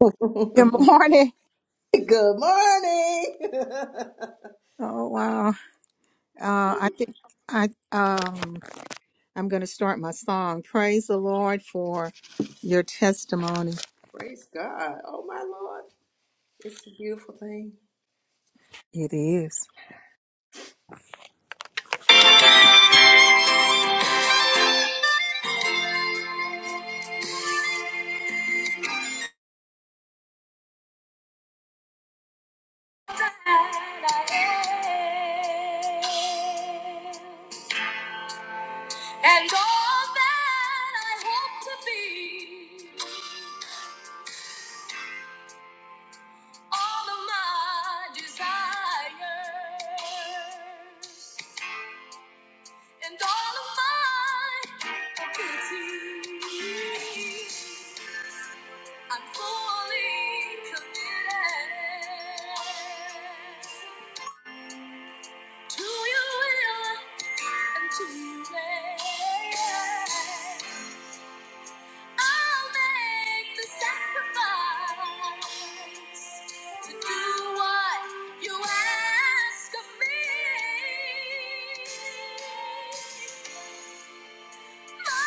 Good Good morning. morning. Oh wow. Uh I think I um I'm gonna start my song. Praise the Lord for your testimony. Praise God. Oh my Lord. It's a beautiful thing. It is. And all that I hope to be, all of my desires. and all of my abilities. I'm fully committed to your will and to your way. I'll make the sacrifice to do what you ask of me. But the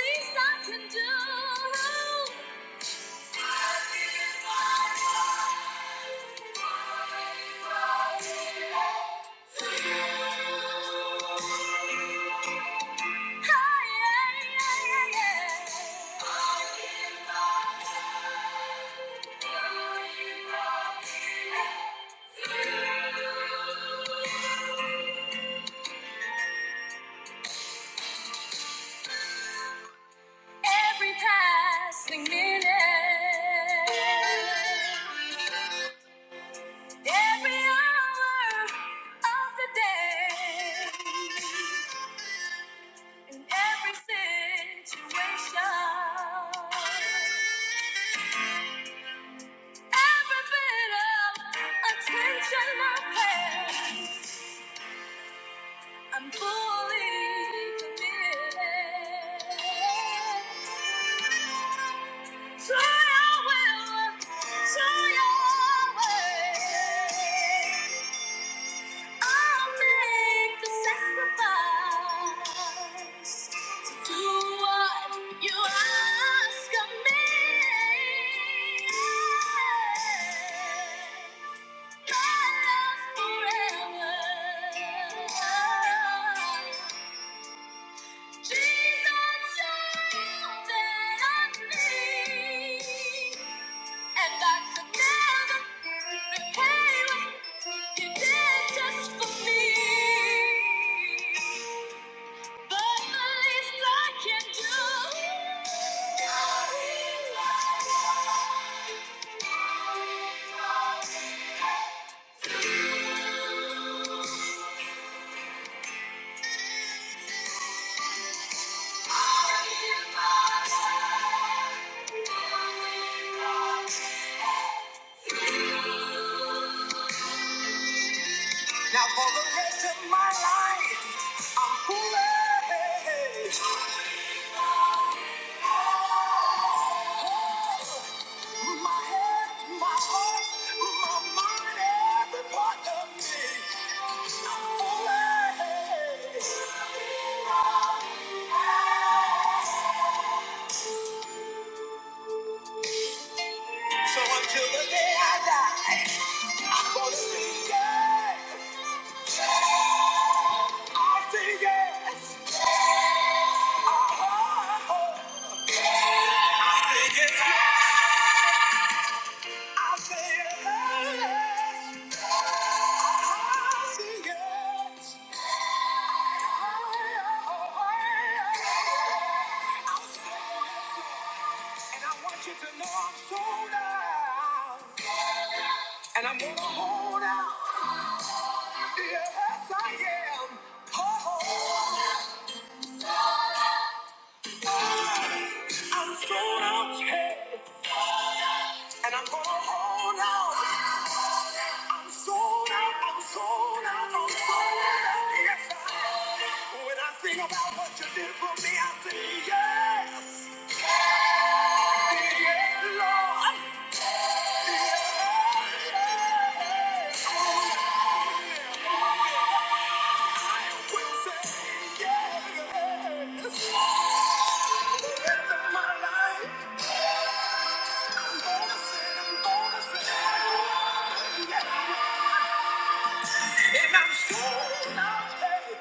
least I can do Every passing minute. Every hour of the day, in every situation, every bit of attention I pay, I'm fully committed to your will, to your way. I'll make the sacrifice to do what you ask of me. My love forever. Jesus, you're that I need. And that the devil became you did just for me. But the least I can do. Now for the rest of my life, I'm foolish. My head, my heart, my mind, every part of me. I'm foolish. So until the day I die, I'm gonna sing it. I say yes. Oh, I say yes. I say yes. I say yes. yes. And I want you to know I'm sold out. And I'm gonna hold out. Yes, I am. Oh. I'm sold out, and I'm gonna hold out. I'm sold out, I'm sold out, I'm sold out, yes. When I think about what you did for me, I say yes, yes, Lord. Yes, I will say yes. For the rest of my life, I'm gonna say, I'm gonna say, yes, Lord. And I'm sold out. Hey.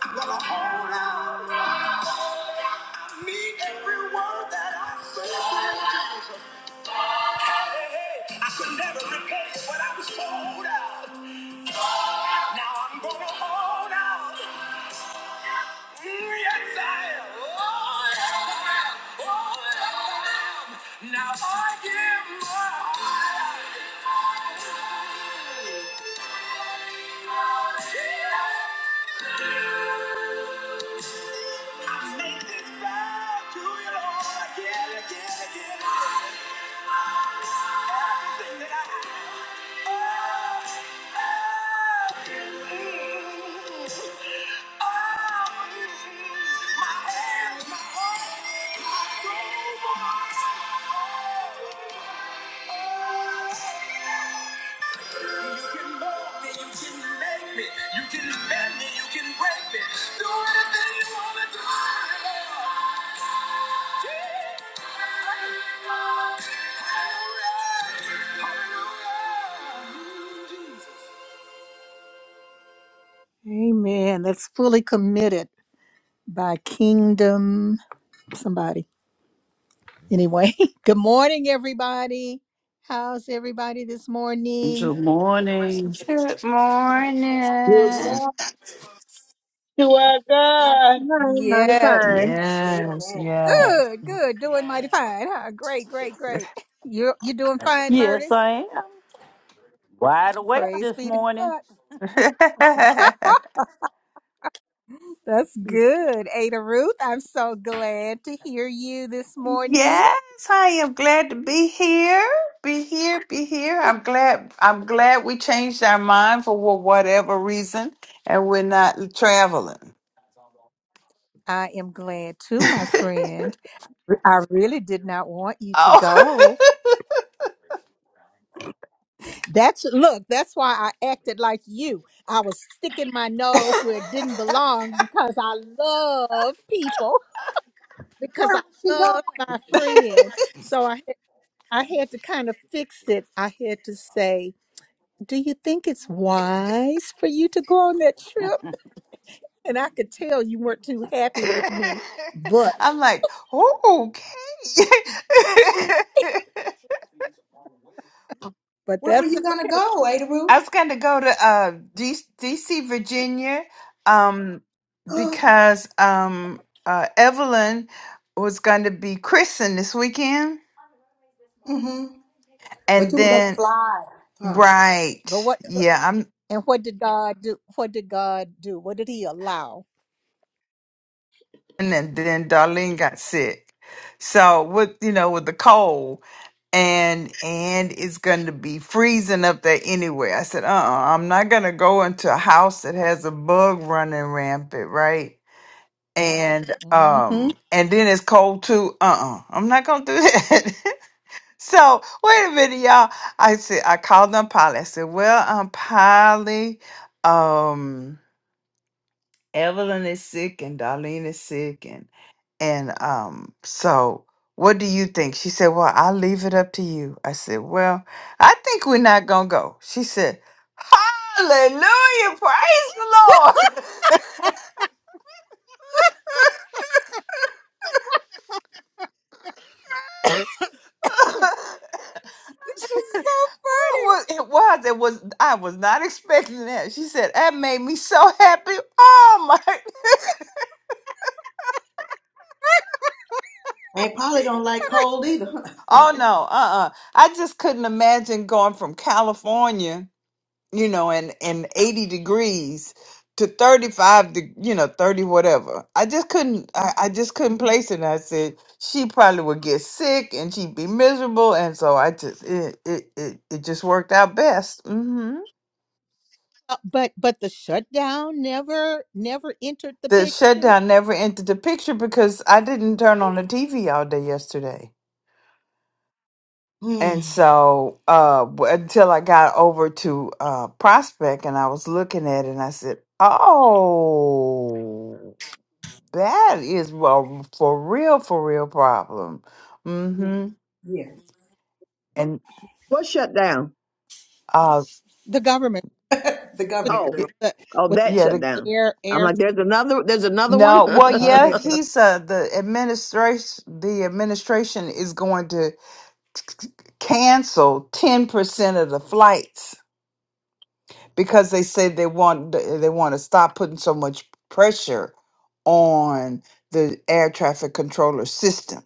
I'm gonna hold out. I mean every word that I say. Jesus. Hey, hey, I could never repay what I was sold out. Now I'm gonna hold out. Yes, I am. Oh, I am. Oh, I am. Now I give my heart. I make this vow to you, Lord, again, again, again. Everything that I have. Oh, oh. mm, you can bend me, you can break me. Do anything you wanna do. Amen. That's fully committed by kingdom somebody. Anyway, good morning, everybody. How's everybody this morning? Good morning. Good Good morning. morning to our Not a God. sign, not a Yes, sign. Yes, yes. Amen. yes, good, good, doing mighty fine. Huh? Great, great, great. You're you're doing fine, Yes, Murtis. I am wide awake Praise this be to morning. God. That's good, Ada Ruth. I'm so glad to hear you this morning. I am glad to be here. Be here, be here. I'm glad I'm glad we changed our mind for wha- whatever reason and we're not traveling. I am glad too, my friend. I really did not want you to go. Oh. That's look, that's why I acted like you. I was sticking my nose where it didn't belong because I love people, because Where I was she going? love my friend. So I I had to kind of fix it. I had to say, "Do you think it's wise for you to go on that trip?" And I could tell you weren't too happy with me, but I'm like, okay. but Where were that's you gonna okay. go, Adaru? I was going to go to uh, D- DC, Virginia, um, because um, uh, Evelyn was going to be christened this weekend, mm-hmm. But and you were gonna then fly. Huh. But right, what yeah, I'm, and what did God do? What did God do? What did he allow? and then, then Darlene got sick, so with you know with the cold, and and it's going to be freezing up there anyway. I said, uh, uh-uh, I'm not going to go into a house that has a bug running rampant, right? and Mhm. um That and then it's cold too. Uh-uh. I'm not gonna do that. so wait a minute, y'all. I said I called on Polly. I said, Well, um Polly, um Evelyn is sick and Darlene is sick and and um so what do you think? She said, Well, I'll leave it up to you. I said, Well, I think we're not gonna go. She said, Hallelujah, praise the Lord. is so It funny. was, it was. It was. I was not expecting that. She said that made me so happy. Oh my! And Polly don't like cold either, huh? Oh no! Uh uh I just couldn't imagine going from California, you know, and and eighty degrees to thirty five, you know, thirty whatever. I just couldn't. I, I just couldn't Mhm. place it. And I said she probably would get sick and she'd be miserable. And so I just it it it, it just worked out best. Hmm. Uh, but but the shutdown never never entered the the picture. shutdown never entered the picture because I didn't turn on the TV all day yesterday. Hmm. And so uh, w- until I got over to uh, Prospect and I was looking at it and I said, oh, that is a for real, for real problem. Mm-hmm. Yeah. And What shut down? uh, The government the with government Oh, y- girl. the oh, with that yeah, shut the, down. air I'm air like, there's another, there's another one. no, well, snow. and- yeah, They he's uh, the administration, the administration is going to cancel 10% of the flights because they say they want they want to stop putting so much pressure on the air traffic controller system.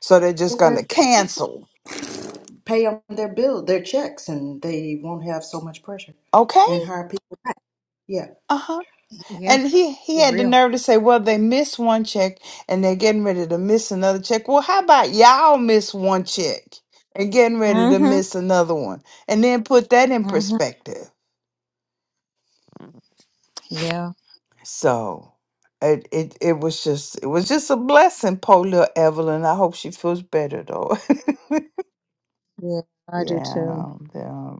So they're just going just to cancel. pay them their bill, their checks, and they won't have so much pressure. Okay? And hire people. back. Yeah. Uh-huh. Yeah, And he he for had the real. nerve to say, "Well, they missed one check and they're getting ready to miss another check." Well, how about y'all miss one check and getting ready to Mhm. miss another one? And then put that in Mhm. perspective. Yeah. So, it it, it was just it was just a blessing, poor little Evelyn. I hope she feels better though. Yeah, I do too. Yeah, yeah.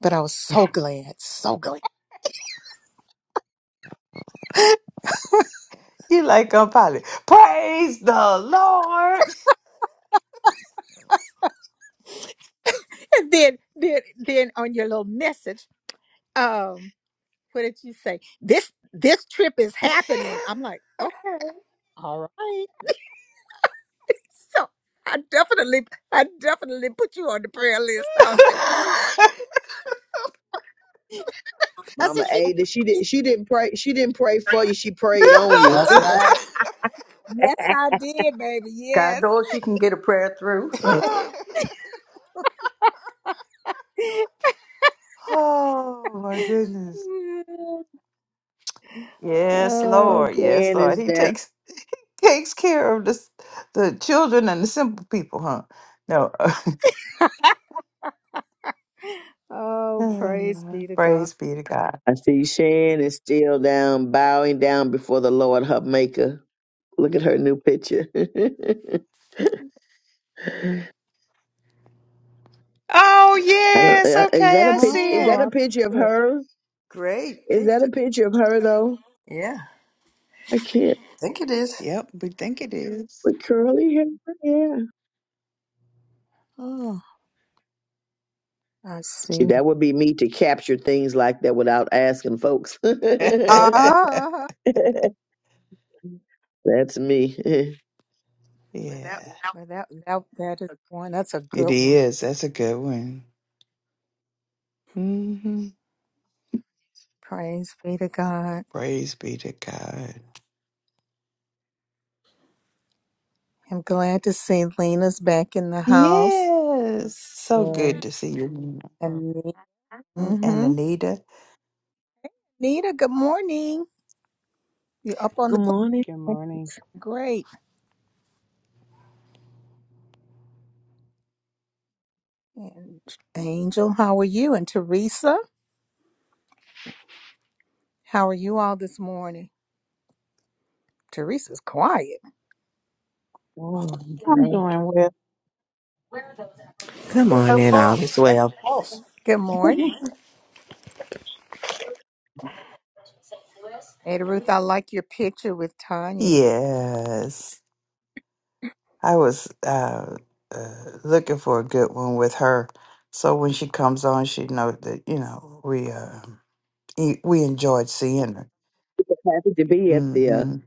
But I was so glad, so glad. You like a poly. Praise the Lord. And then then then on your little message, um, what did you say? This this trip is happening. I'm like, okay, all right. so I definitely I definitely put you on the prayer list. I was like, oh Lord. I said Mama she. Ada, she did, she didn't pray, she didn't pray for you. She prayed on you. That's right. Yes, I did, baby. God Yes. knows she can get a prayer through. oh my goodness. Yes, oh Lord. boy. Yes, Jan Lord. is He down. takes takes care of the s- the children and the simple people, huh? No. Oh, praise be to God. Praise be to God. I see Shan is still down, bowing down before the Lord, her Maker. Look at her new picture. I Oh don't. yes, uh, Is okay, that a I picture? see Is Oh, that it. I a like picture of it. her? Great Is that a picture. picture of her though? Yeah, I can't. I think it is. Yep, we think it is. With curly hair, yeah. Oh, I See, see. that would be me to capture things like that without asking folks. yeah, Ah, That's me. it well, that that that is one. That's a good one. is. That's a good one. Praise be to God. Praise be to God. I'm glad to see Lena's back in the house. Yes. So good And, to see you. Nina and And mm-hmm. Anita. Nita, good morning. You up on Good the morning. Good morning. plane? And Angel, how are you? And Teresa, how are you all this morning? Teresa's quiet. Oh, I'm that- doing well. Good morning, all Beautiful. is well. Second pulse. Good morning. Ada Ruth, I like your picture with Tanya. Yes. I was uh, uh, looking for a good one with her. So when she comes on, she know that, you know, we uh, e- we enjoyed seeing her. Happy to be at the uh, Mm-hmm.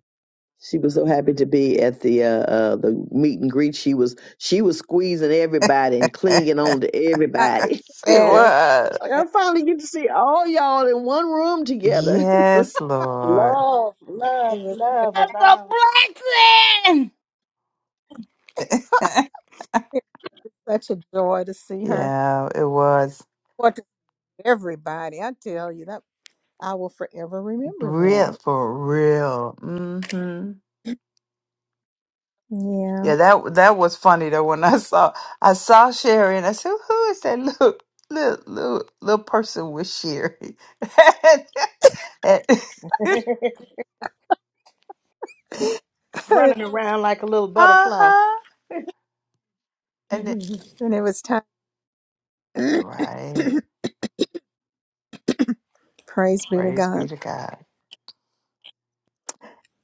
She was so happy to be at the uh, uh the meet and greet. She was she was squeezing everybody and clinging on to I, everybody. she yes, She's was. like I yes, finally get to see all y'all in one room together. Yes, Lord. Love, love, it was such love That's a abound. blessing. it was such a joy to see her. yeah, it was What to everybody, I tell you that I will forever remember real that. for real. Mm-hmm. Yeah. Yeah, that that was funny though. When I saw I saw Sherry and I said, "Who is that little little little, little person with Sherry?" uh Running around like a little butterfly. huh. And then, and it was time. right, Praise be to praise God. be to God.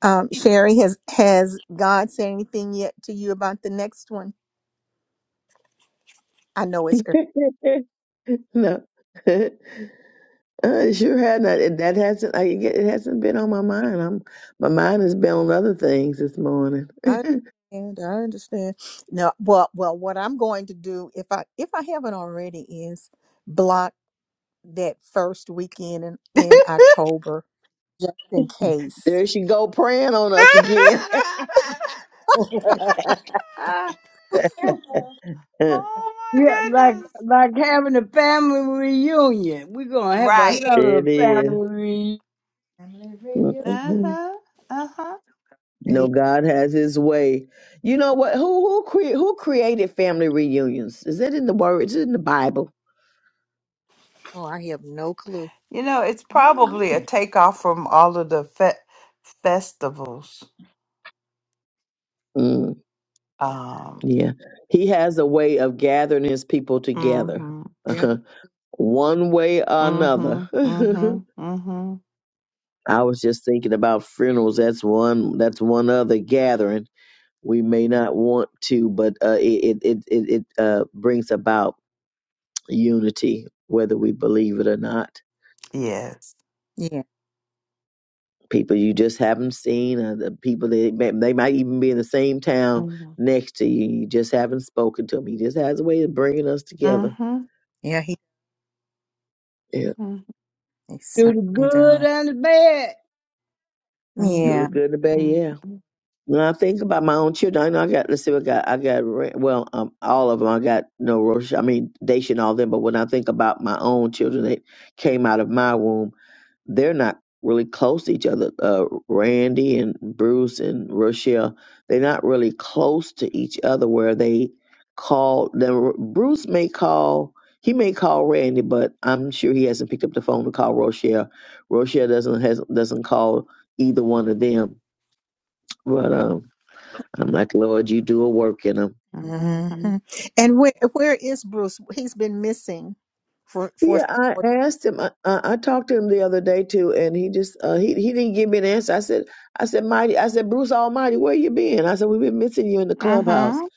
Um, Sherry, has has God said anything yet to you about the next one? I know it's early. no, I sure had not. It, that hasn't. I, it hasn't been on my mind. I'm my mind has been on other things this morning. I understand. I understand. Now, well, well, what I'm going to do if I if I haven't already is block that first weekend in, in October just in case. There she go praying on us again. Family oh Yeah, my like goodness! like having a family reunion. We're gonna have Right. Yeah, another it is. family reunion. radio. Uh Mm-hmm. huh. Uh huh. You yeah. know, God has His way. You know what? Who who cre- who created family reunions? Is that in the word? Is it in the Bible? Oh, I have no clue. You know, it's probably a Mm. takeoff from all of the fe- festivals. Mm, Um. yeah, He has a way of gathering His people together, mm-hmm. Yeah, one way or another. Mhm. Mhm. Mhm. I was just thinking about funerals. That's one. That's one other gathering we may not want to, but uh, it it it it it, uh, brings about unity, whether we believe it or not. Yes. yeah, people you just haven't seen, or the people that may, they might even be in the same town Mhm. next to you. You just haven't spoken to them. He just has a way of bringing us together. Mhm. yeah. He, Yeah, Mhm. he Do the certainly good does. and the bad. Mhm. do the Yeah. good and the bad. Yeah. Mhm. When I think about my own children, I know I got. Let's see, what I got. I got. Ra- Well, um, all of them. I got no Rosh. I mean, Daisha and all them. But when I think about my own children that came out of my womb, they're not really close to each other. Uh, Randy and Bruce and Rochelle, they're not really close to each other where they call them. Bruce may call, he may call Randy, but I'm sure he hasn't picked up the phone to call Rochelle. Rochelle doesn't has, doesn't call either one of them. But um, I'm like, Lord, you do a work in 'em. hmm Mhm. And where where is Bruce? He's been missing for for. Yeah, I asked him. I, I I talked to him the other day too, and he just uh, he he didn't give me an answer. I said, I said, Mighty, I said, Bruce Almighty, where you been? I said, we've been missing you in the clubhouse. Mhm.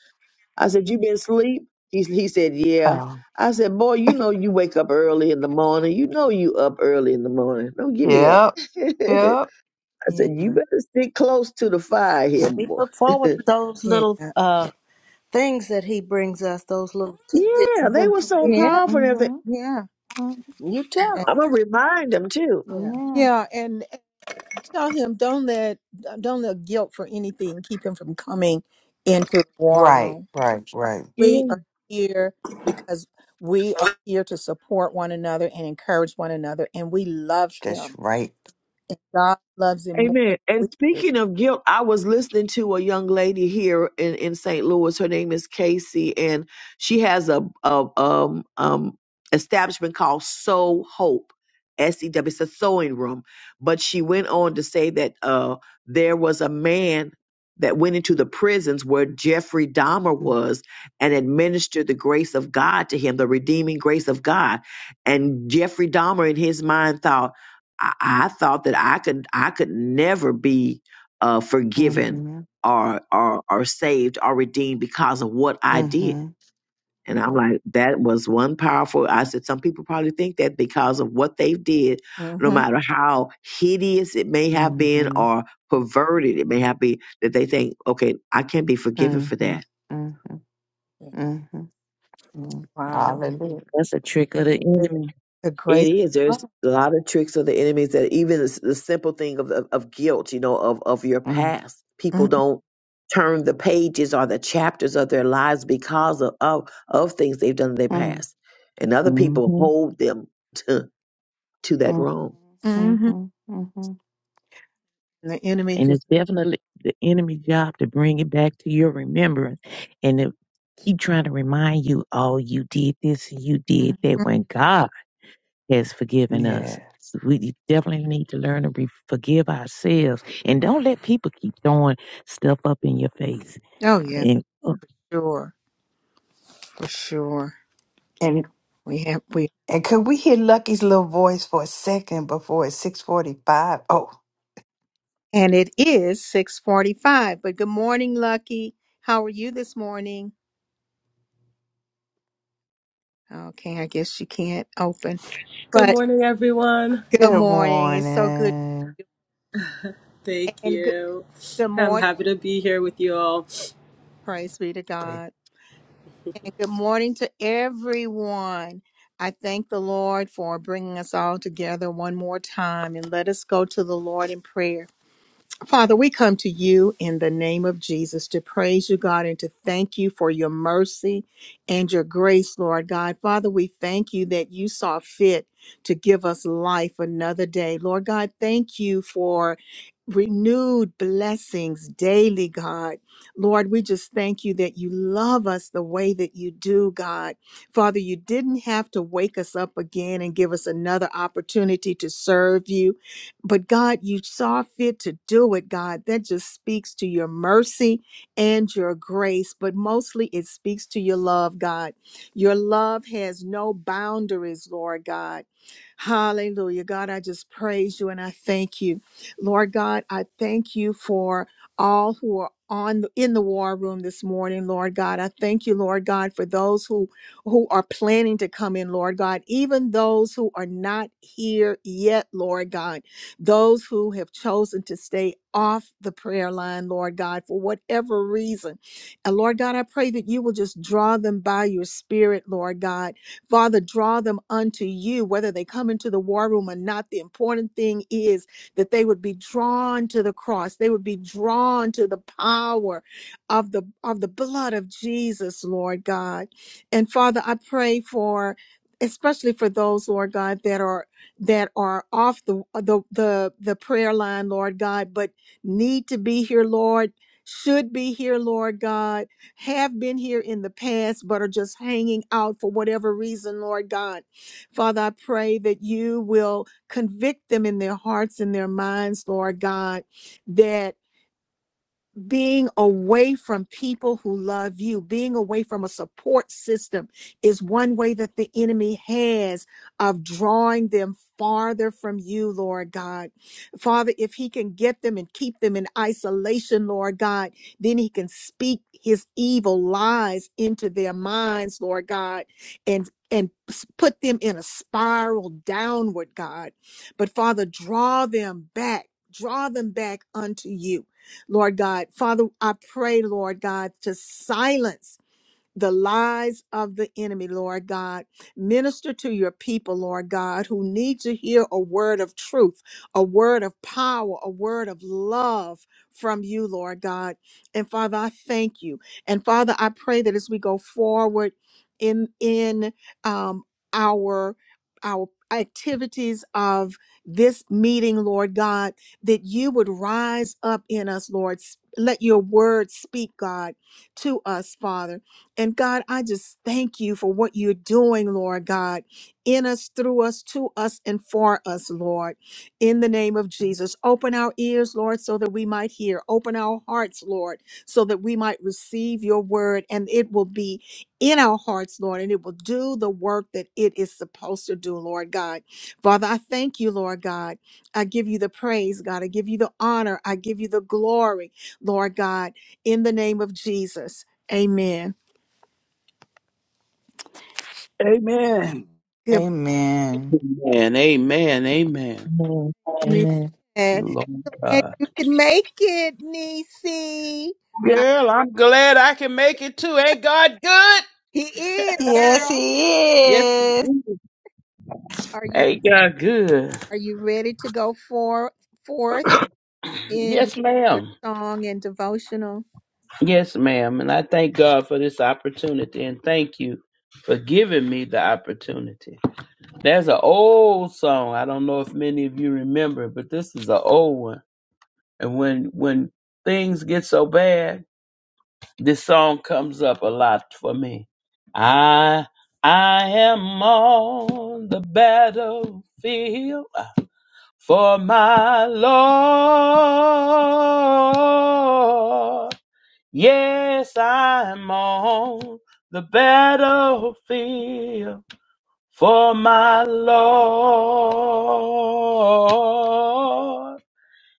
I said, you been asleep? He he said, yeah. Oh. I said, boy, you know you wake up early in the morning. You know you up early in the morning. Don't give me that. Yep. Yep. I Yeah, said, you better stick close to the fire here, We boy. look forward to those yeah, little uh, things that he brings us, those little tidbits yeah, of they were so yeah, information. powerful and everything. Mhm. yeah. Mhm. You tell And, him. I'm gonna remind them too. Yeah. Yeah. yeah, and Tell him don't let don't let guilt for anything keep him from coming into the war Right. room. Right. Right. Yeah. We are here because we are here to support one another and encourage one another, and we love That's him. right. And God loves him more than Amen. we And do. speaking of guilt, I was listening to a young lady here in, in St. Louis. Her name is Casey, and she has a, a um um establishment called Sow Hope, S E W. It's a sewing room. But she went on to say that uh there was a man that went into the prisons where Jeffrey Dahmer Mhm. was and administered the grace of God to him, the redeeming grace of God. And Jeffrey Dahmer, in his mind, thought I, I thought that I could I could never be uh, forgiven Mhm. or, or or saved or redeemed because of what I did. Mhm. And I'm like, that was one powerful. I said, some people probably think that because of what they did, no hmm matter how hideous it may have been Mhm. or perverted it may have been, that they think, okay, I can't be forgiven for Mhm. that Mhm. Mhm. Wow. Hallelujah. that's a trick of the Praise enemy. The It grace is. of There's a lot of tricks of the enemies that even the, the simple thing of, of of guilt, you know, of of your Mhm. past. People God. don't turn the pages or the chapters of their lives because of of, of things they've done in their Mhm. past, and other hmm people hold them to to that wrong. Mm-hmm. Mhm. Mhm. And the enemy And just, it's definitely the enemy' job to bring it back to your remembrance and to keep trying to remind you, oh, you did this and you mhm. did that when God has forgiven us. Yeah. We definitely need to learn to re- forgive ourselves and don't let people keep throwing stuff up in your face. oh yeah, And oh, sure, for sure. We have, we, And could we hear Lucky's little voice for a second before it's 645? Oh, and it is 645, but good morning, Lucky. How are you this morning? Okay, I guess you can't open, Good but morning, everyone. good good morning. It's so good. morning. Thank And good, you. good I'm morning. happy to be here with you all. Praise be to Break. God. And good morning to everyone. I thank the Lord for bringing us all together one more time and let us go to the Lord in prayer. Father, we come to you in the name of Jesus to praise you, God, and to thank you for your mercy and your grace, Lord God. Father, we thank you that you saw fit to give us life another day. Lord God, thank you for renewed blessings daily, God. Lord, we just thank you that you love us the way that you do, God. Father, you didn't have to wake us up again and give us another opportunity to serve you but God, you saw fit to do it, God. That just speaks to your mercy and your grace, but mostly it speaks to your love, God. Your love has no boundaries, Lord God. Hallelujah. God, I just praise you and I thank you. Lord God, I thank you for all who are on in the war room this morning, Lord God. I thank you, Lord God, for those who who are planning to come in, Lord God, even those who are not here yet, Lord God. Those who have chosen to stay off the prayer line, Lord God, for whatever reason. And Lord God, I pray that you will just draw them by your spirit, Lord God. Father, draw them unto you, whether they come into the war room or not. The important thing is that they would be drawn to the cross. They would be drawn to the power of the of the blood of Jesus, Lord God. And Father, I pray for especially for those, Lord God, that are that are off the the the, the prayer line, Lord God, but need to be here, Lord. Should be here, Lord God, have been here in the past, but are just hanging out for whatever reason, Lord God. Father, I pray that you will convict them in their hearts and their minds, Lord God, that being away from people who love you, being away from a support system is one way that the enemy has of drawing them farther from you, Lord God. Father, if he can get them and keep them in isolation, Lord God, then he can speak his evil lies into their minds, Lord God, and and put them in a spiral downward, God. But Father, draw them back. Draw them back unto you Lord God. Father, I pray, Lord God, to silence the lies of the enemy, Lord God. Minister to your people, Lord God, who need to hear a word of truth, a word of power, a word of love from you, Lord God. And Father, I thank you. And Father, I pray that as we go forward in in um, our our activities of this meeting, Lord God, that you would rise up in us, Lord. S- Let your word speak, God, to us, Father. And God, I just thank you for what you're doing, Lord God, in us, through us, to us, and for us, Lord. In the name of Jesus, open our ears, Lord, so that we might hear. Open our hearts, Lord, so that we might receive your word and it will be in our hearts, Lord, and it will do the work that it is supposed to do, Lord God. Father, I thank you, Lord God. I give you the praise, God. I give you the honor. I give you the glory, Lord God, in the name of Jesus. Amen. Amen. Good Amen. Amen. Amen. Amen. man. morning. amen. And Lord and God. you can make it, Niecy. Right? Girl, I'm glad I can make it too. Ain't God good? He is, Yes, girl. Yes, he he is. is. Are you ain't God good? are you ready to go for, forth in Yes, your ma'am. song and devotional? Yes, ma'am. And I thank God for this opportunity and thank you for giving me the opportunity. There's an old song. I don't know if many of you remember, but this is an old one. And when when things get so bad, This song comes up a lot for me. I I am on the battlefield for my Lord. Yes, I'm on the battlefield for my Lord.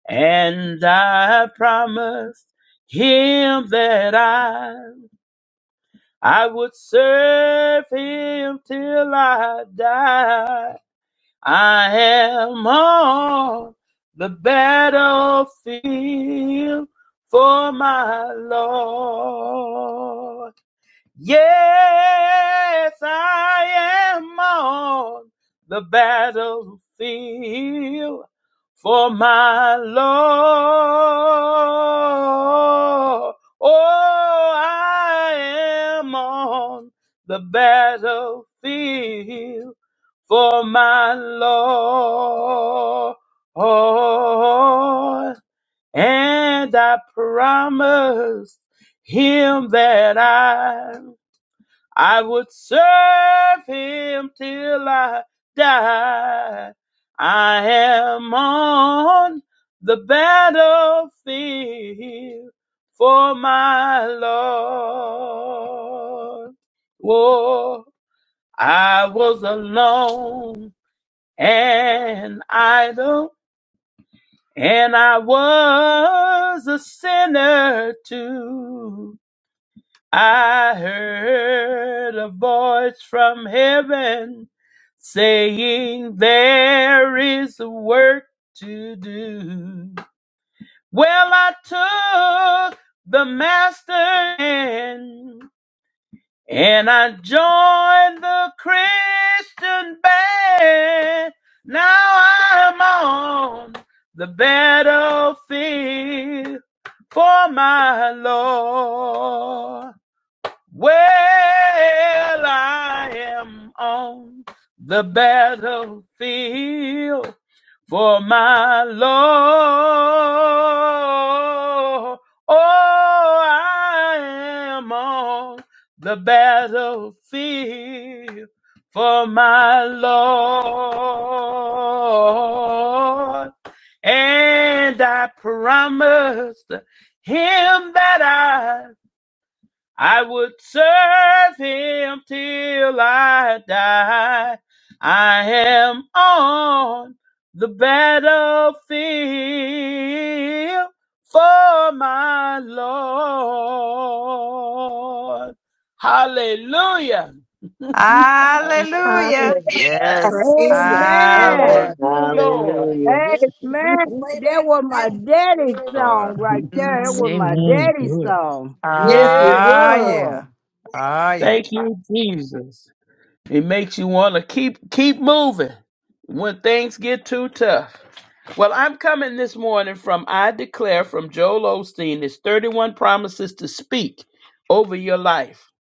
And I promise him that I I would serve him till I die. I am on the battlefield for my Lord. Yes, I am on the battlefield for my Lord. Oh, I am on the battlefield for my Lord. And I promise him that I I would serve him till I die. I am on the battlefield for my Lord. Whoa, I was alone and idle, and I was a sinner too. I heard a voice from heaven saying, There is work to do. Well, I took the master hand and I joined the Christian band. Now I'm on the battlefield for my Lord. Well, I am on the battlefield for my Lord. Oh, I am on the battlefield for my Lord. And I promised him that I. I would serve him till I die. I am on the battlefield for my Lord. Hallelujah. Hallelujah. Hallelujah. Yes. Praise the Hallelujah. Thank Lord. Amen. you, Lord. Hallelujah. Get Amen. way That back to was that my one. daddy's Amen. song right there. That was my Mhm. Amen. daddy's Good. song. Yes, it Yes, Ah, was. yeah. Lord. Ah, yeah. Thank you, Jesus. It makes you want to keep keep moving when things get too tough. Well, I'm coming this morning from I Declare from Joel Osteen. It's 31 promises to speak over your life.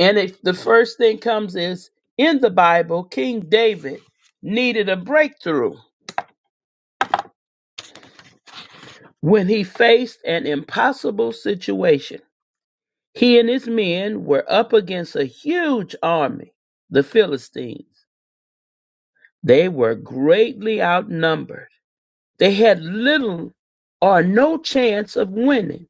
And if the first thing comes is in the Bible, King David needed a breakthrough when he faced an impossible situation. He and his men were up against a huge army, the Philistines. They were greatly outnumbered. They had little or no chance of winning.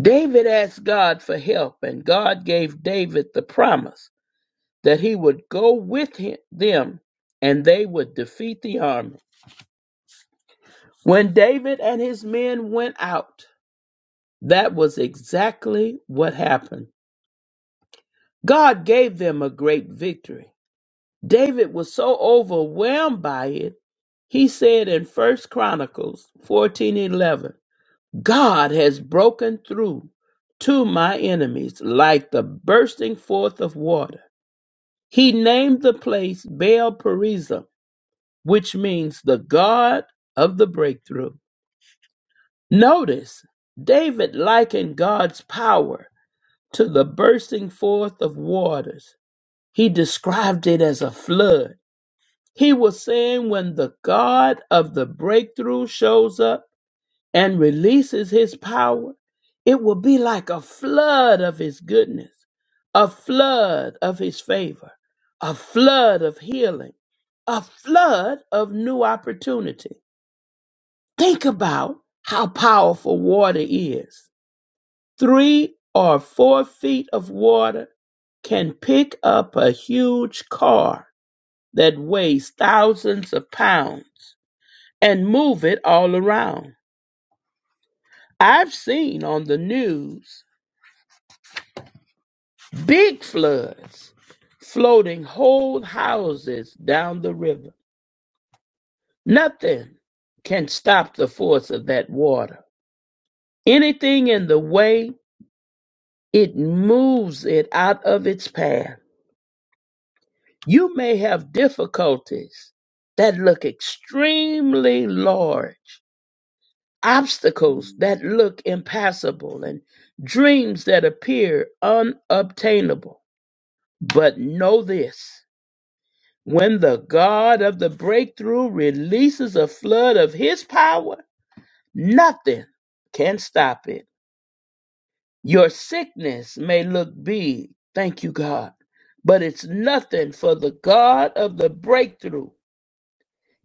David asked God for help, and God gave David the promise that he would go with him, them and they would defeat the army. When David and his men went out, that was exactly what happened. God gave them a great victory. David was so overwhelmed by it, he said in First Chronicles 14:11, God has broken through to my enemies like the bursting forth of water. He named the place Baal Perizim, which means the God of the breakthrough. Notice, David likened God's power to the bursting forth of waters. He described it as a flood. He was saying, when the God of the breakthrough shows up, and releases his power, it will be like a flood of his goodness, a flood of his favor, a flood of healing, a flood of new opportunity. Think about how powerful water is. Three or four feet of water can pick up a huge car that weighs thousands of pounds and move it all around. I've seen on the news Big floods, floating whole houses down the river. Nothing can stop the force of that water. Anything in the way, it moves it out of its path. You may have difficulties that look extremely large, obstacles that look impassable, and dreams that appear unobtainable. But know this. When the God of the breakthrough releases a flood of his power, nothing can stop it. Your sickness may look big, thank you, God, but it's nothing for the God of the breakthrough.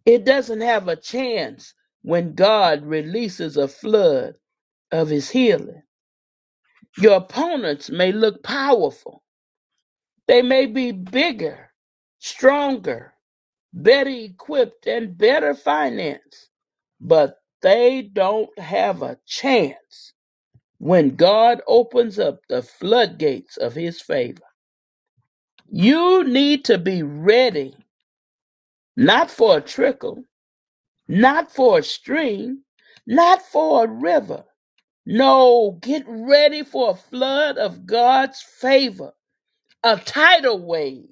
It doesn't have a chance when God releases a flood of his healing. Your opponents may look powerful, they may be bigger, stronger, better equipped and better financed, but they don't have a chance when God opens up the floodgates of his favor. You need to be ready, not for a trickle, not for a stream, not for a river. No, get ready for a flood of God's favor, a tidal wave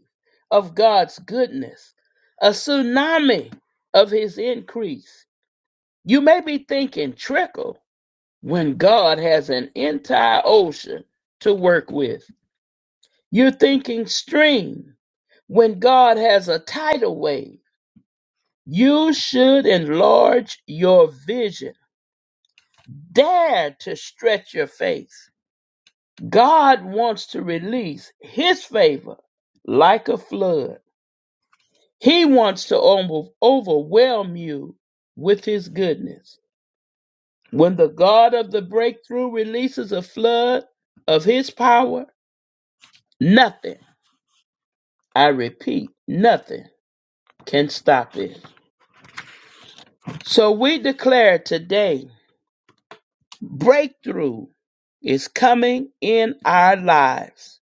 of God's goodness, a tsunami of his increase You may be thinking trickle when God has an entire ocean to work with. You're thinking stream when God has a tidal wave. You should enlarge your vision. Dare to stretch your faith. God wants to release His favor like a flood. He wants to over- overwhelm you with His goodness. When the God of the breakthrough releases a flood of his power, nothing, I repeat, nothing can stop it. So we declare today breakthrough is coming in our lives.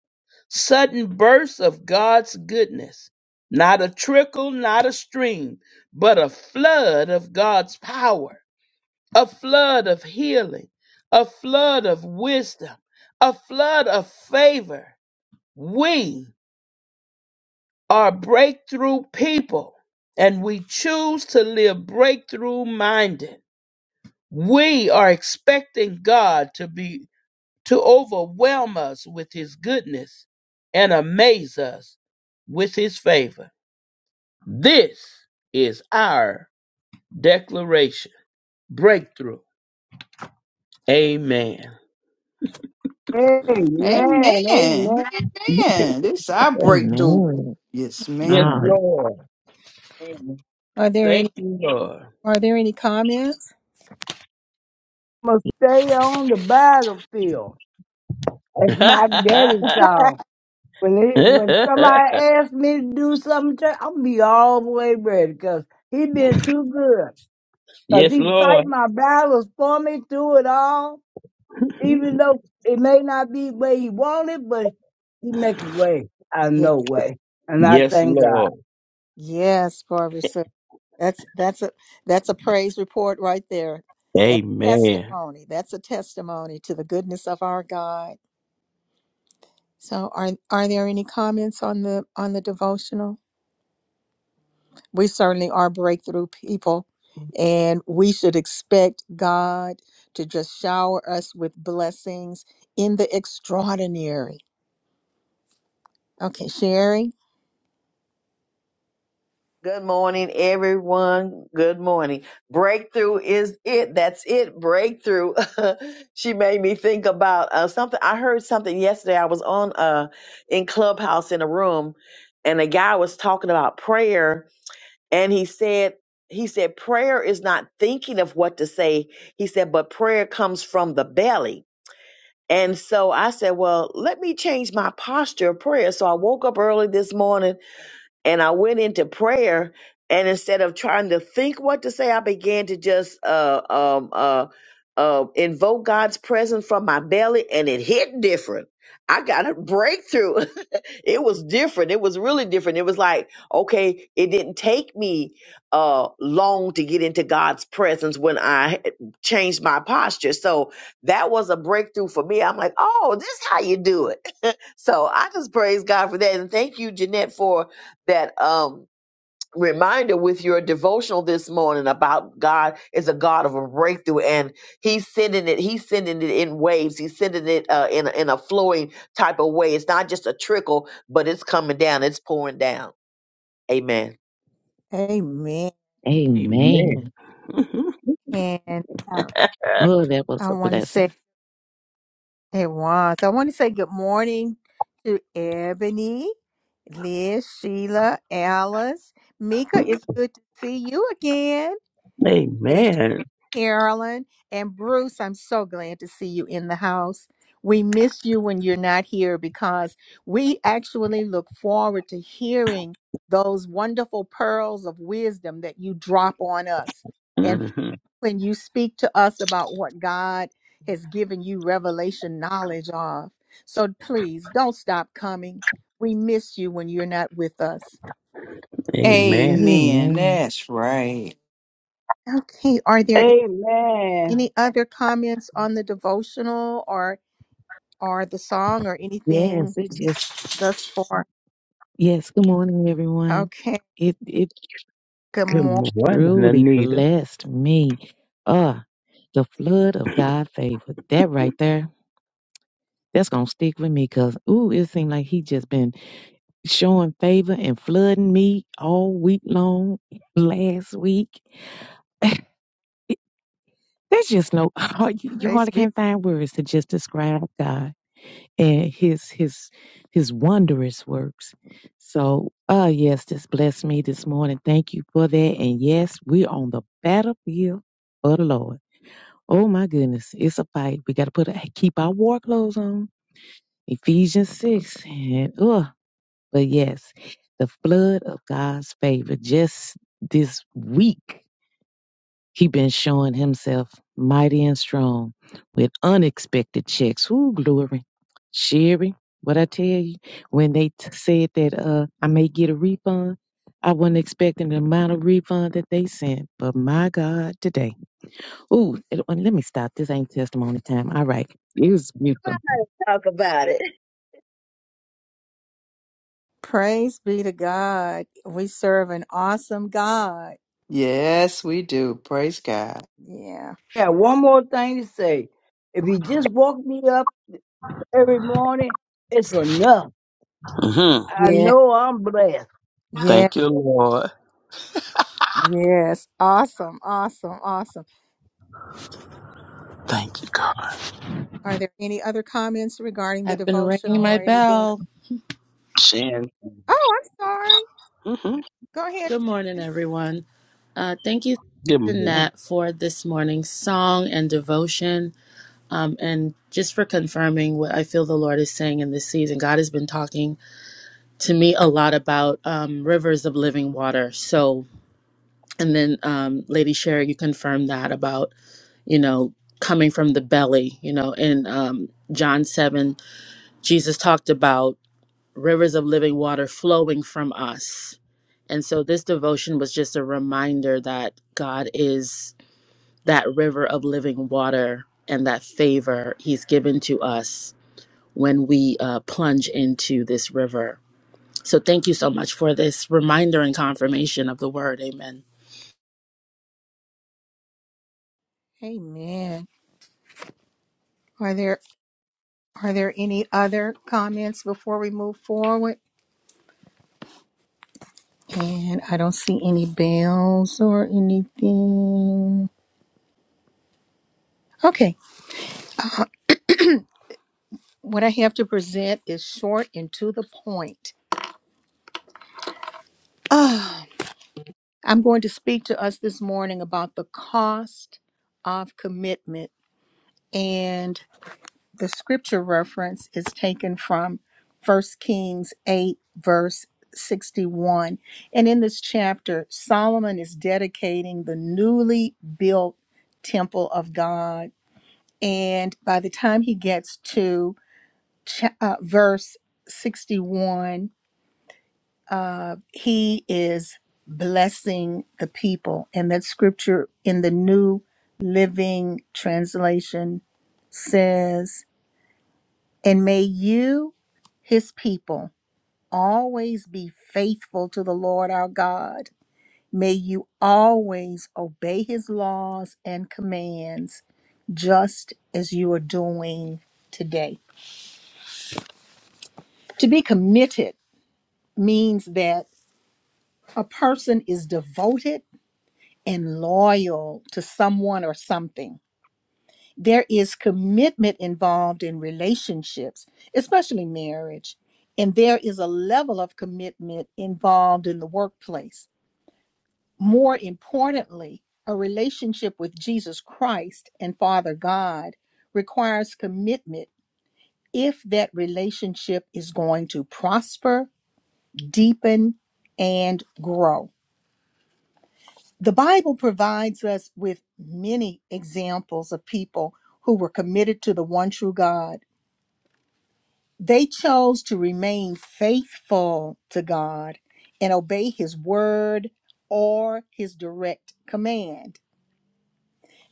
Sudden bursts of God's goodness. Not a trickle, not a stream, but a flood of God's power, a flood of healing, a flood of wisdom, a flood of favor We are breakthrough people and we choose to live breakthrough minded. We are expecting God to be to overwhelm us with his goodness and amaze us with his favor. This is our declaration. Breakthrough. Amen. Amen. Okay. Amen. Amen. Amen. This is our breakthrough. Amen. Yes, Yes, Oh, ma'am. Lord. Amen. Are there Thank any you, Lord. are there any comments? I'm gonna stay on the battlefield. That's my daddy's song. When he, when somebody asks me to do something, to, I'll be all the way ready 'cause he been too good. 'Cause yes, he fight Lord. my battles for me through it all, even though it may not be the way he wanted, but he make a way out of Yes, no way. And I Yes, yes, thank God. Lord. yes, Barbara. So that's that's a that's a praise report right there. That's Amen. testimony. That's a testimony to the goodness of our God So are are there any comments on the on the devotional? We certainly are breakthrough people and we should expect God to just shower us with blessings in the extraordinary. Okay, Sherry. Good morning, everyone. Good morning. Breakthrough is it. That's it. Breakthrough. she made me think about uh, something. I heard something yesterday. I was on uh, in Clubhouse in a room, and a guy was talking about prayer, and he said he said prayer is not thinking of what to say. He said, but prayer comes from the belly. And so I said, well, let me change my posture of prayer. So I woke up early this morning and I went into prayer. And instead of trying to think what to say, I began to just uh, um, uh, uh, invoke God's presence from my belly, and it hit different. I got a breakthrough. it was different. It was really different. It was like, okay, it didn't take me uh, long to get into God's presence when I changed my posture. So that was a breakthrough for me. I'm like, oh, this is how you do it so I just praise God for that. And thank you, Jeanette, for that um reminder with your devotional this morning about God is a God of a breakthrough and he's sending it he's sending it in waves he's sending it uh, in a, in a flowing type of way it's not just a trickle but it's coming down it's pouring down amen amen. Amen. And uh, Oh, that was I a want to blessing. say it was. I want to say good morning to Ebony, Liz, Sheila, Alice. Mika, it's good to see you again. Mhm. Amen. Carolyn and Bruce, I'm so glad to see you in the house. We miss you when you're not here because we actually look forward to hearing those wonderful pearls of wisdom that you drop on us. And hmm when you speak to us about what God has given you revelation knowledge of. So please don't stop coming. We miss you when you're not with us. Amen. Amen. Amen. That's right. Okay, are there Amen. any other comments on the devotional or or the song or Yes, anything it just thus far? yes. Good morning, everyone. Okay. It it Good Good morning. morning, truly Anita. blessed me. Uh, the flood of God favor. That right there, that's gonna stick with me. Cause ooh, it seemed like he just been showing favor and flooding me all week long. Last week, there's just no. You Praise hardly be can't find words to just describe God. and his his his wondrous works. So uh yes, this blessed me this morning. Thank you for that. And yes, we're on the battlefield for the Lord. Oh my goodness, it's a fight. We gotta put a, keep our war clothes on. Ephesians six and uh but yes, the flood of God's favor just this week. He been showing himself mighty and strong with unexpected checks. Ooh, glory. Sherry, what I tell you, when they t- said that uh I may get a refund, I wasn't expecting the amount of refund that they sent. But my God, today. Ooh, it- and let me stop. This ain't testimony time. All right. It was beautiful. talk about it praise be to God. We serve an awesome God. Yes, we do. Praise God. Yeah. Yeah, one more thing to say. If he just woke me up every morning, it's enough. hmm I Yeah. know I'm blessed. Yeah. Thank you, Lord. Yes. Awesome. Awesome. Awesome. Thank you, God. Are there any other comments regarding the I've been ringing devotional my or anything? bell. Shan. Oh, I'm sorry. hmm Go ahead. Good morning, Shannon. everyone. Uh, thank you, Good morning. Jeanette, for this morning's song and devotion, um, and just for confirming what I feel the Lord is saying in this season. God has been talking to me a lot about um, rivers of living water. So, and then um, Lady Sherry, you confirmed that about you know coming from the belly. You know, in um, John seven, Jesus talked about. rivers of living water flowing from us. And so this devotion was just a reminder that God is that river of living water and that favor He's given to us when we uh, plunge into this river. So thank you so much for this reminder and confirmation of the word. Amen. Amen. Are there are there any other comments before we move forward? And I don't see any bells or anything. Okay. What I have to present is short and to the point. I'm going to speak to us this morning about the cost of commitment. And the scripture reference is taken from 1 Kings 8, verse 61. And in this chapter, Solomon is dedicating the newly built temple of God. And by the time he gets to cha- uh, verse 61, uh, he is blessing the people. And that scripture in the New Living Translation says, And may you, his people, always be faithful to the Lord our God. May you always obey his laws and commands, just as you are doing today. To be committed means that a person is devoted and loyal to someone or something. There is commitment involved in relationships, especially marriage, and there is a level of commitment involved in the workplace. More importantly, a relationship with Jesus Christ and Father God requires commitment if that relationship is going to prosper, deepen, and grow. The Bible provides us with many examples of people who were committed to the one true God. They chose to remain faithful to God and obey his word or his direct command.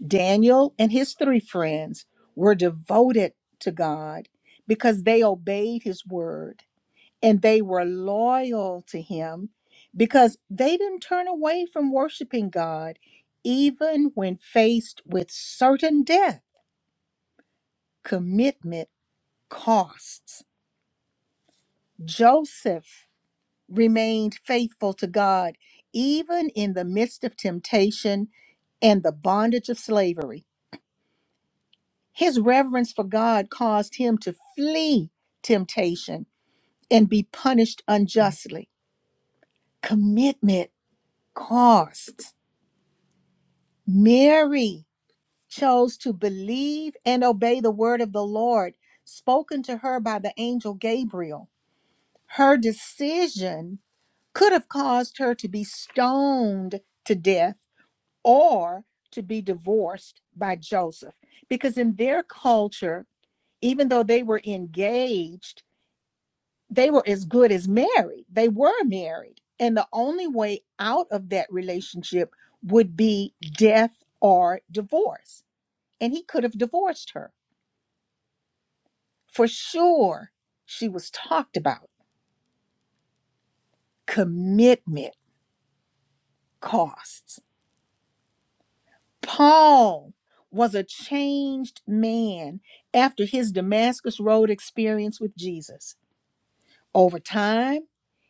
Daniel and his three friends were devoted to God because they obeyed his word and they were loyal to him because they didn't turn away from worshiping God even when faced with certain death. Commitment costs. Joseph remained faithful to God even in the midst of temptation and the bondage of slavery. His reverence for God caused him to flee temptation and be punished unjustly. Commitment costs. Mary chose to believe and obey the word of the Lord spoken to her by the angel Gabriel. Her decision could have caused her to be stoned to death or to be divorced by Joseph. Because in their culture, even though they were engaged, they were as good as married. They were married. And the only way out of that relationship would be death or divorce and he could have divorced her. For sure, she was talked about. Commitment costs. Paul was a changed man after his Damascus Road experience with Jesus. Over time,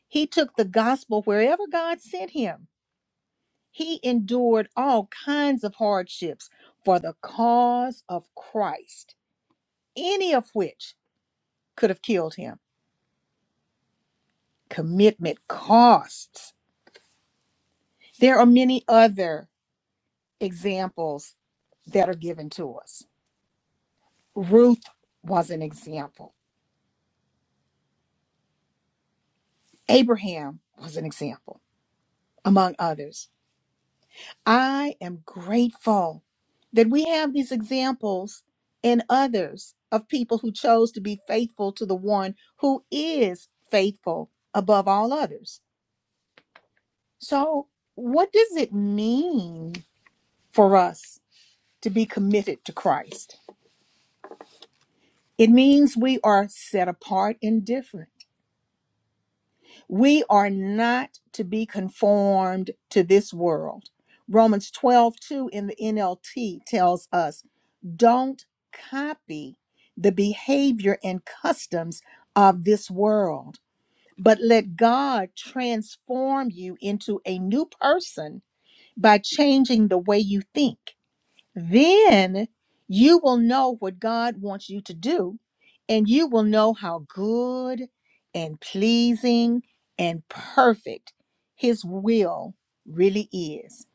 he took the gospel wherever God sent him. He endured all kinds of hardships for the cause of Christ, any of which could have killed him. Commitment costs There are many other examples that are given to us. Ruth was an example, Abraham was an example, among others. I am grateful that we have these examples and others of people who chose to be faithful to the one who is faithful above all others. So, what does it mean for us to be committed to Christ? It means we are set apart and different. We are not to be conformed to this world. Romans 12 2 in the NLT tells us don't copy the behavior and customs of this world, but let God transform you into a new person by changing the way you think. Then you will know what God wants you to do, and you will know how good and pleasing and perfect His will really is.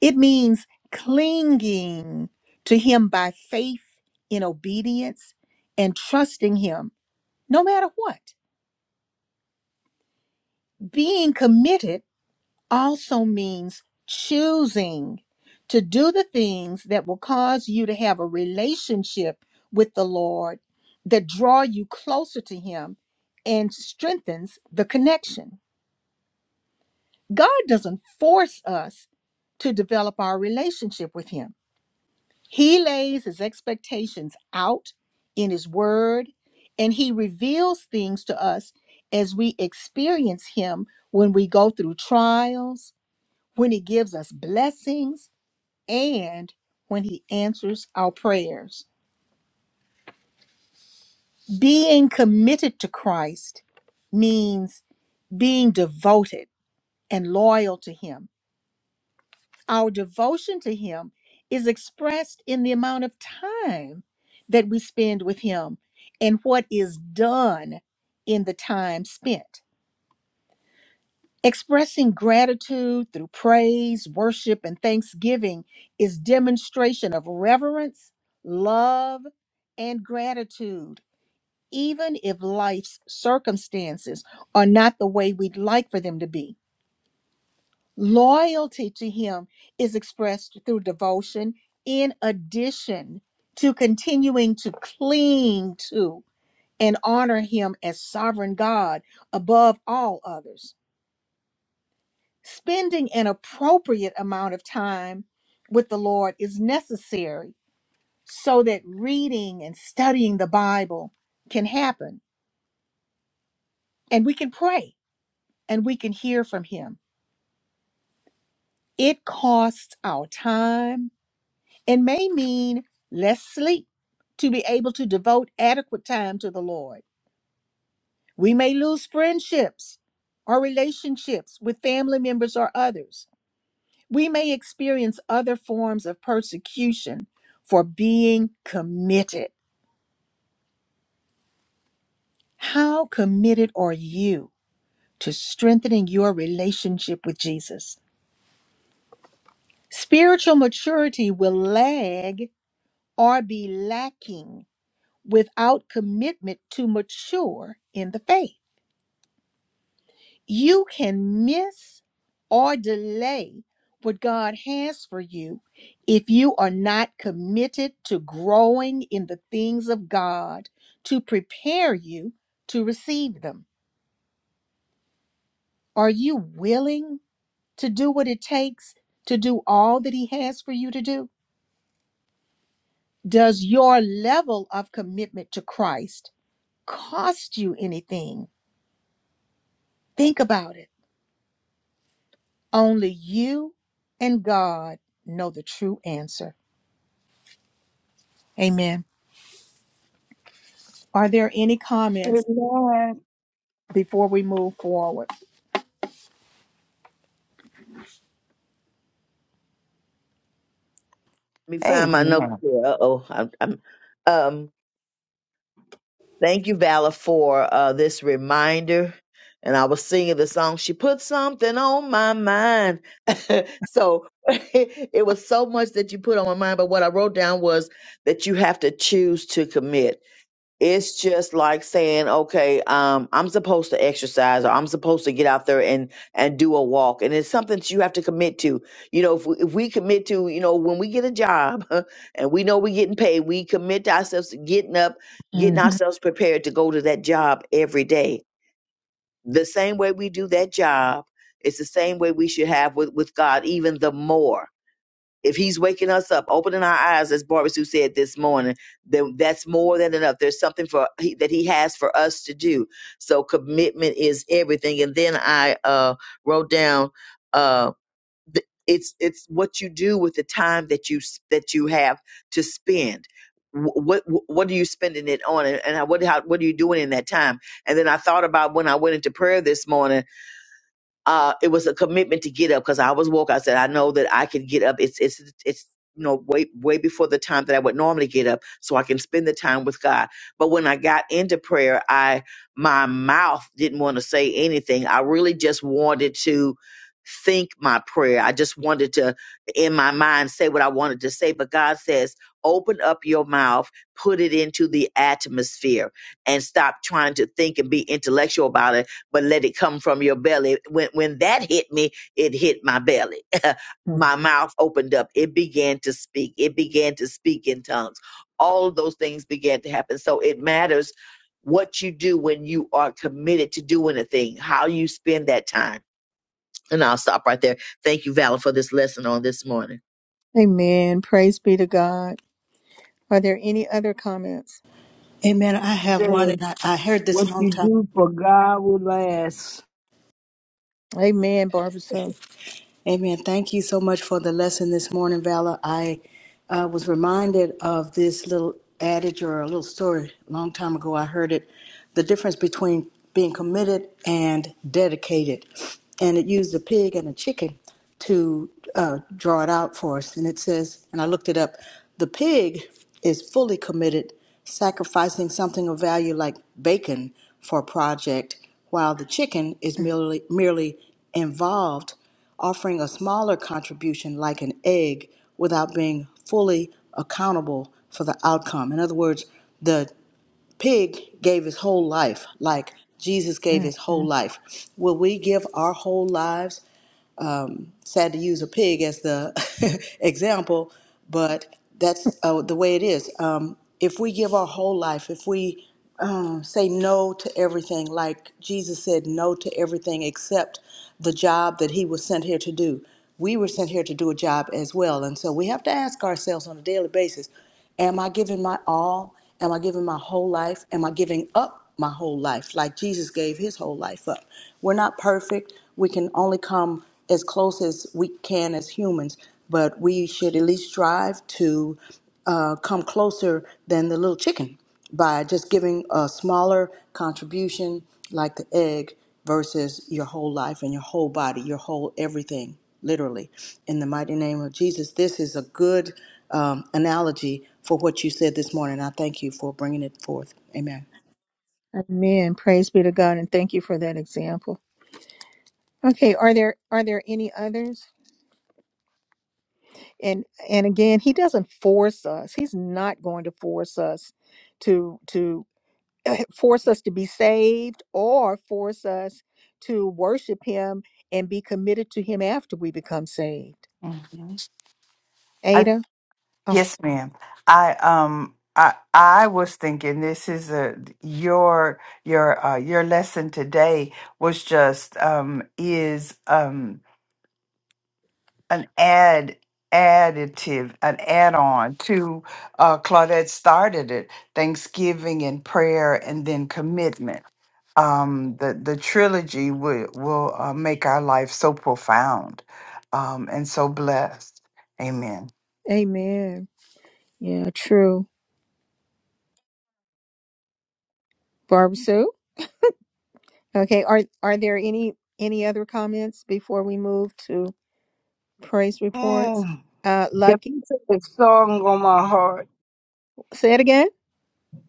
It means clinging to Him by faith in obedience and trusting Him no matter what, being committed also means choosing to do the things that will cause you to have a relationship with the Lord that draw you closer to him and strengthens the connection. God doesn't force us to develop our relationship with him. He lays his expectations out in his word and he reveals things to us as we experience him when we go through trials when He gives us blessings, and when He answers our prayers. Being committed to Christ means being devoted and loyal to Him. Our devotion to Him is expressed in the amount of time that we spend with Him and what is done in the time spent. Expressing gratitude through praise, worship, and thanksgiving is demonstration of reverence, love, and gratitude, even if life's circumstances are not the way we'd like for them to be. Loyalty to Him is expressed through devotion, in addition to continuing to cling to and honor Him as sovereign God above all others. Spending an appropriate amount of time with the Lord is necessary so that reading and studying the Bible can happen and we can pray and we can hear from Him. It costs our time and may mean less sleep to be able to devote adequate time to the Lord. We may lose friendships or relationships with family members or others We may experience other forms of persecution for being committed. How committed are you to strengthening your relationship with Jesus? Spiritual maturity will lag or be lacking without commitment to mature in the faith. you can miss or delay what God has for you if you are not committed to growing in the things of God to prepare you to receive them. Are you willing to do what it takes to do all that He has for you to do? Does your level of commitment to Christ cost you anything? Think about it. Only you and God know the true answer. Amen. Are there any comments Amen. before we move forward? let me find my notes Amen. here uh-oh I'm, I'm, um Thank you, Vala, for uh, this reminder. And I was singing the song, She Put Something on My Mind. so it was so much that you put on my mind. But what I wrote down was that you have to choose to commit it's just like saying okay um i'm supposed to exercise or i'm supposed to get out there and and do a walk and it's something that you have to commit to you know if we, if we commit to you know when we get a job and we know we're getting paid we commit to ourselves to getting up getting Mhm. ourselves prepared to go to that job every day the same way we do that job it's the same way we should have with with god even the more if he's waking us up, opening our eyes, as Barbara Sue said this morning, then that's more than enough. There's something for he, that he has for us to do. So commitment is everything. And then I uh, wrote down uh, th- it's it's what you do with the time that you s- that you have to spend. Wh- What wh- what are you spending it on, and and how- what how, what are you doing in that time? And then I thought about when I went into prayer this morning uh, it was a commitment to get up because I was woke. I said, I know that I can get up. It's it's it's you know way way before the time that I would normally get up, so I can spend the time with God. But when I got into prayer, I my mouth didn't want to say anything. I really just wanted to think my prayer. I just wanted to in my mind say what I wanted to say. But God says, open up your mouth, put it into the atmosphere, and stop trying to think and be intellectual about it but let it come from your belly. When when that hit me, it hit my belly. my mouth opened up. It began to speak. It began to speak in tongues. All of those things began to happen. So it matters what you do when you are committed to doing a thing, how you spend that time. And I'll stop right there. Thank you, Valor, for this lesson on this morning. Amen. Praise be to God. Are there any other comments? Amen. I have one, and I, I heard this a What long you time. do for God will last. Amen, Barbara. So, Amen. Thank you so much for the lesson this morning, Valor. I uh, was reminded of this little adage or a little story a long time ago. I heard it the difference between being committed and dedicated. And it used a pig and a chicken to uh, draw it out for us. And it says, and I looked it up the pig is fully committed, sacrificing something of value like bacon for a project, while the chicken is merely, merely involved offering a smaller contribution like an egg without being fully accountable for the outcome. In other words, the pig gave his whole life, like Jesus gave his whole mhm. life. Will we give our whole lives sad to use a pig as the example, but that's uh, the way it is. Um, if we give our whole life, if we um, say no to everything, like Jesus said no to everything except the job that he was sent here to do, we were sent here to do a job as well. And so we have to ask ourselves on a daily basis Am I giving my all? Am I giving my whole life? Am I giving up my whole life like Jesus gave his whole life up? We're not perfect. We can only come as close as we can as humans, but we should at least strive to uh, come closer than the little chicken by just giving a smaller contribution like the egg versus your whole life and your whole body, your whole everything, literally. In the mighty name of Jesus, this is a good um, analogy for what you said this morning. I thank you for bringing it forth. Amen. amen. Praise be to God. And thank you for that example. Okay, are there are there any others? And and again, he doesn't force us. He's not going to force us to to force us to be saved or force us to worship him and be committed to him after we become saved. hmm I, Ada? Oh, yes, ma'am. I um I I was thinking this is a your your uh your lesson today was just um is um an add additive an add-on to uh Claudette started it Thanksgiving and prayer and then commitment um, the the trilogy will will uh, make our life so profound um, and so blessed. Amen. amen. Yeah, true. Barbara Sue? Okay, are are there any any other comments before we move to praise reports? Mm. Uh If Lucky, you put a song on my heart, say it again.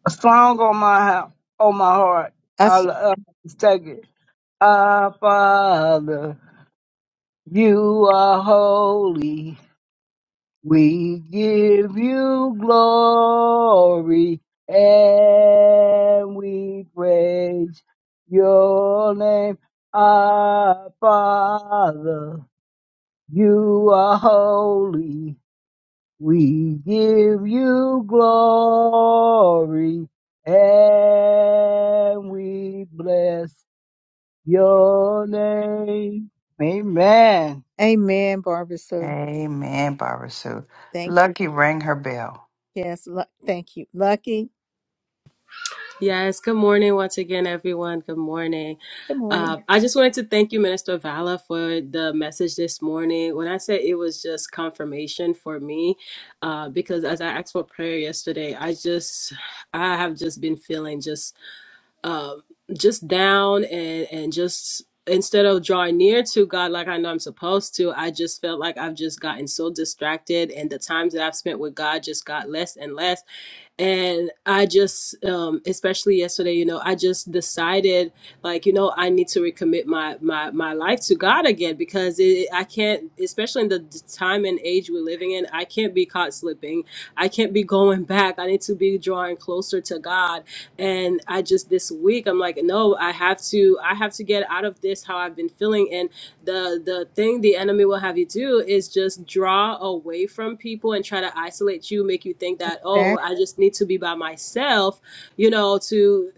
a song on my hea- on my heart, I I'll saw, uh, take it. Our Father, you are holy. We give you glory and we praise your name. Our Father, you are holy. We give you glory and we bless your name. Amen. amen, Barbara Sue. Amen, Barbara Sue. Thank you. Lucky rang her bell. Yes. Lu- thank you. Lucky. Yes, good morning once again, everyone. Good morning. Good morning. Uh, I just wanted to thank you, Minister Vala, for the message this morning. When I say it was just confirmation for me, uh, because as I asked for prayer yesterday, I just, I have just been feeling just um, just down and and just instead of drawing near to God like I know I'm supposed to, I just felt like I've just gotten so distracted, and the times that I've spent with God just got less and less and i just um especially yesterday you know i just decided like you know i need to recommit my my my life to god again because it, i can't especially in the d- time and age we're living in i can't be caught slipping i can't be going back i need to be drawing closer to god and i just this week i'm like no i have to i have to get out of this how i've been feeling the the thing the enemy will have you do is just draw away from people and try to isolate you make you think that oh Zach. i just need to be by myself you know to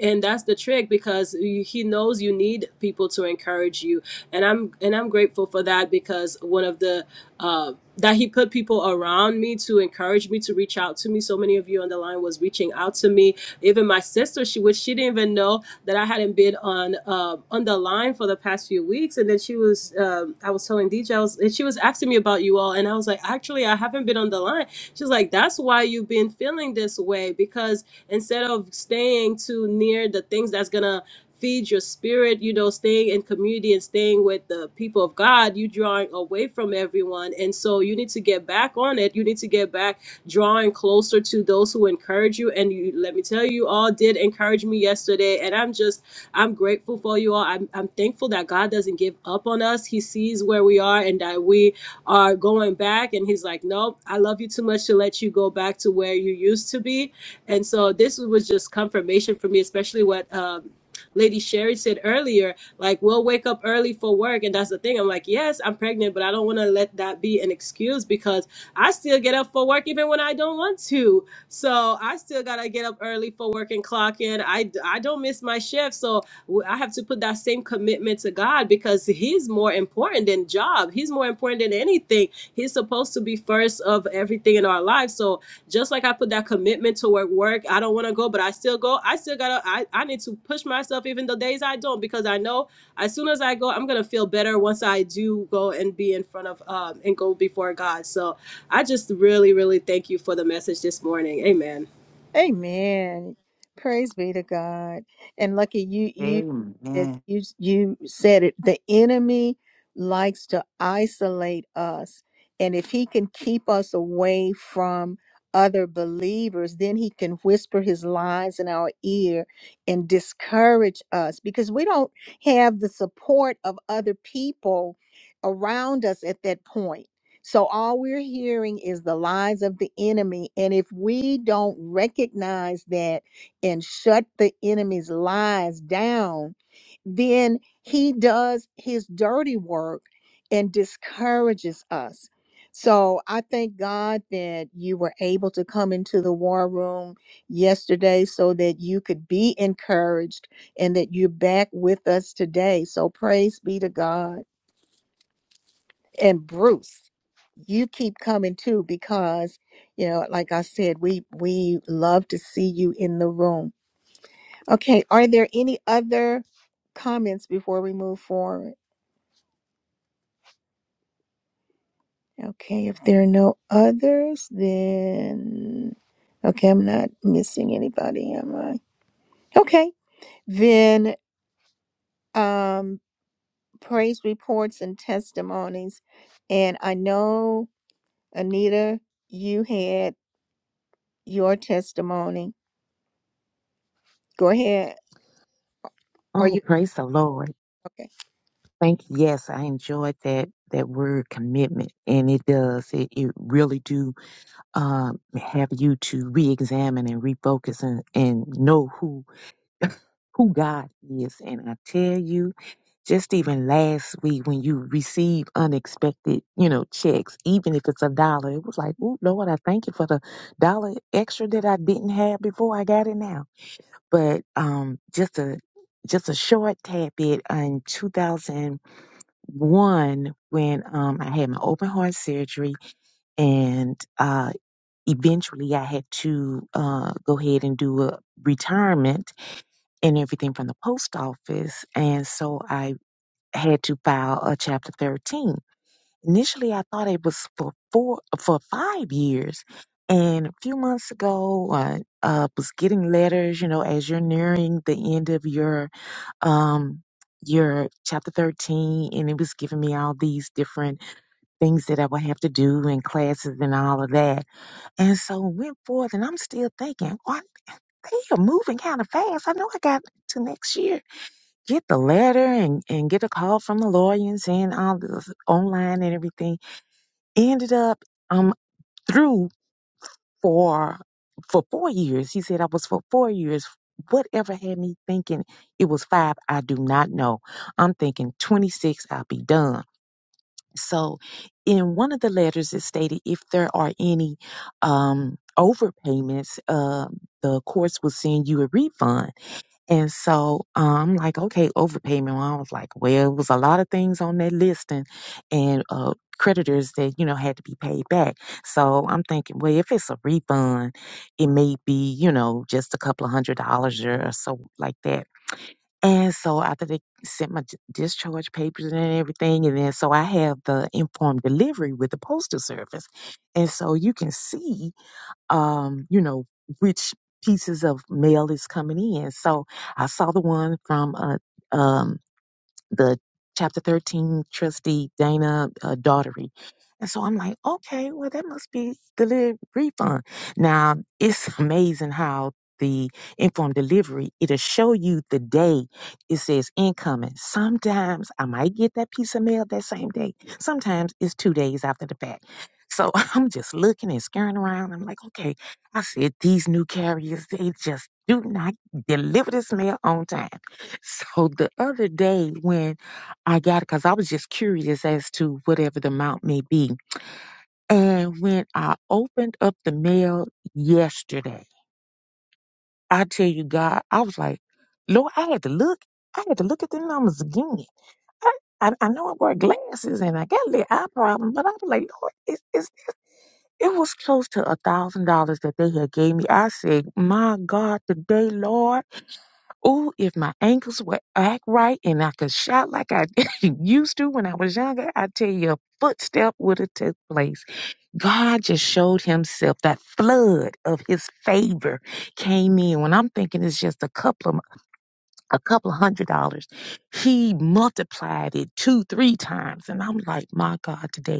and that's the trick because he knows you need people to encourage you and i'm and i'm grateful for that because one of the uh that he put people around me to encourage me to reach out to me so many of you on the line was reaching out to me even my sister she which she didn't even know that i hadn't been on um on the line for the past few weeks and then she was um, i was telling dj was, and she was asking me about you all and i was like actually i haven't been on the line She's like, that's why you've been feeling this way because instead of staying too near the things that's gonna feed your spirit, you know, staying in community and staying with the people of God, you drawing away from everyone. And so you need to get back on it. You need to get back drawing closer bolster to those who encourage you. And you, let me tell you, you all did encourage me yesterday. And I'm just, I'm grateful for you all. I'm, I'm thankful that God doesn't give up on us. He sees where we are and that we are going back. And He's like, nope, I love you too much to let you go back to where you used to be. And so this was just confirmation for me, especially what. Um, Lady Sherry said earlier, like we'll wake up early for work, and that's the thing. I'm like, yes, I'm pregnant, but I don't want to let that be an excuse because I still get up for work even when I don't want to. So I still gotta get up early for work and clock in. I I don't miss my shift, so I have to put that same commitment to God because He's more important than job. He's more important than anything. He's supposed to be first of everything in our life. So just like I put that commitment to work, work, I don't want to go, but I still go. I still gotta, I, I need to push myself even the days I don't, because I know as soon as I go, I'm gonna feel better once I do go and be in front of, um, and go before God. So I just really, really thank you for the message this morning. Amen. Amen. Praise be to God. And Lucky, you you Amen. it- Amen. you you said it. The enemy likes to isolate us, and if he can keep us away from other believers, then he can whisper his lies in our ear and discourage us because we don't have the support of other people around us at that point So all we're hearing is the lies of the enemy. And if we don't recognize that and shut the enemy's lies down, then he does his dirty work and discourages us. So I thank God that you were able to come into the war room yesterday so that you could be encouraged and that you're back with us today. So praise be to God and Bruce, you keep coming too because you know, like I said, we we love to see you in the room. Okay, are there any other comments before we move forward? Okay, if there are no others, then okay, I'm not missing anybody, am I? Okay, then um praise reports and testimonies. And I know Anita, you had your testimony. Go ahead. Are Oh, you praise the Lord. okay? Thank you. Yes, I enjoyed that that word commitment. And it does. It it really do um, have you to re-examine and refocus and, and know who who God is. And I tell you, just even last week when you receive unexpected, you know, checks, even if it's a dollar, it was like, oh Lord, I thank you for the dollar extra that I didn't have before. I got it now. But um, just a just a short tad bit in 2001 when um, I had my open heart surgery and uh, eventually I had to uh, go ahead and do a retirement and everything from the post office. And so I had to file a Chapter 13. Initially, I thought it was for four, for five years. And a few months ago, I uh, was getting letters, you know, as you're nearing the end of your um, your chapter 13, and it was giving me all these different things that I would have to do and classes and all of that and so went forth, and I'm still thinking, what they are moving kind of fast. I know I got to next year. Get the letter and, and get a call from the lawyers and all this online and everything. Ended up um through for for four years. He said I was for four years. Whatever had me thinking it was five, I do not know. I'm thinking 26, I'll be done. So, in one of the letters, it stated if there are any um, overpayments, uh, the courts will send you a refund. And so uh, I'm like, okay, overpayment. Well, I was like, well, it was a lot of things on that listing, and uh, creditors that you know had to be paid back. So I'm thinking, well, if it's a refund, it may be you know just a couple of hundred dollars or so like that. And so after they sent my d- discharge papers and everything, and then so I have the informed delivery with the postal service, and so you can see, um, you know, which pieces of mail is coming in. So I saw the one from uh, um, the chapter 13 trustee Dana uh, Daughtery. And so I'm like, okay, well, that must be the refund. Now, it's amazing how the informed delivery, it'll show you the day it says incoming. Sometimes I might get that piece of mail that same day. Sometimes it's two days after the fact. So I'm just looking and scaring around. I'm like, okay, I said, these new carriers, they just do not deliver this mail on time. So the other day when I got, because I was just curious as to whatever the amount may be. And when I opened up the mail yesterday, I tell you, God, I was like, Lord, I had to look. I had to look at the numbers again. I, I, I know I wear glasses and I got a little eye problem, but I was like, Lord, it, it's, it was close to a thousand dollars that they had gave me. I said, my God, today, Lord. Ooh, if my ankles would act right and I could shout like I used to when I was younger, I tell you, a footstep would have took place. God just showed himself. That flood of his favor came in. When I'm thinking it's just a couple of a couple of hundred dollars, he multiplied it two, three times. And I'm like, my God, today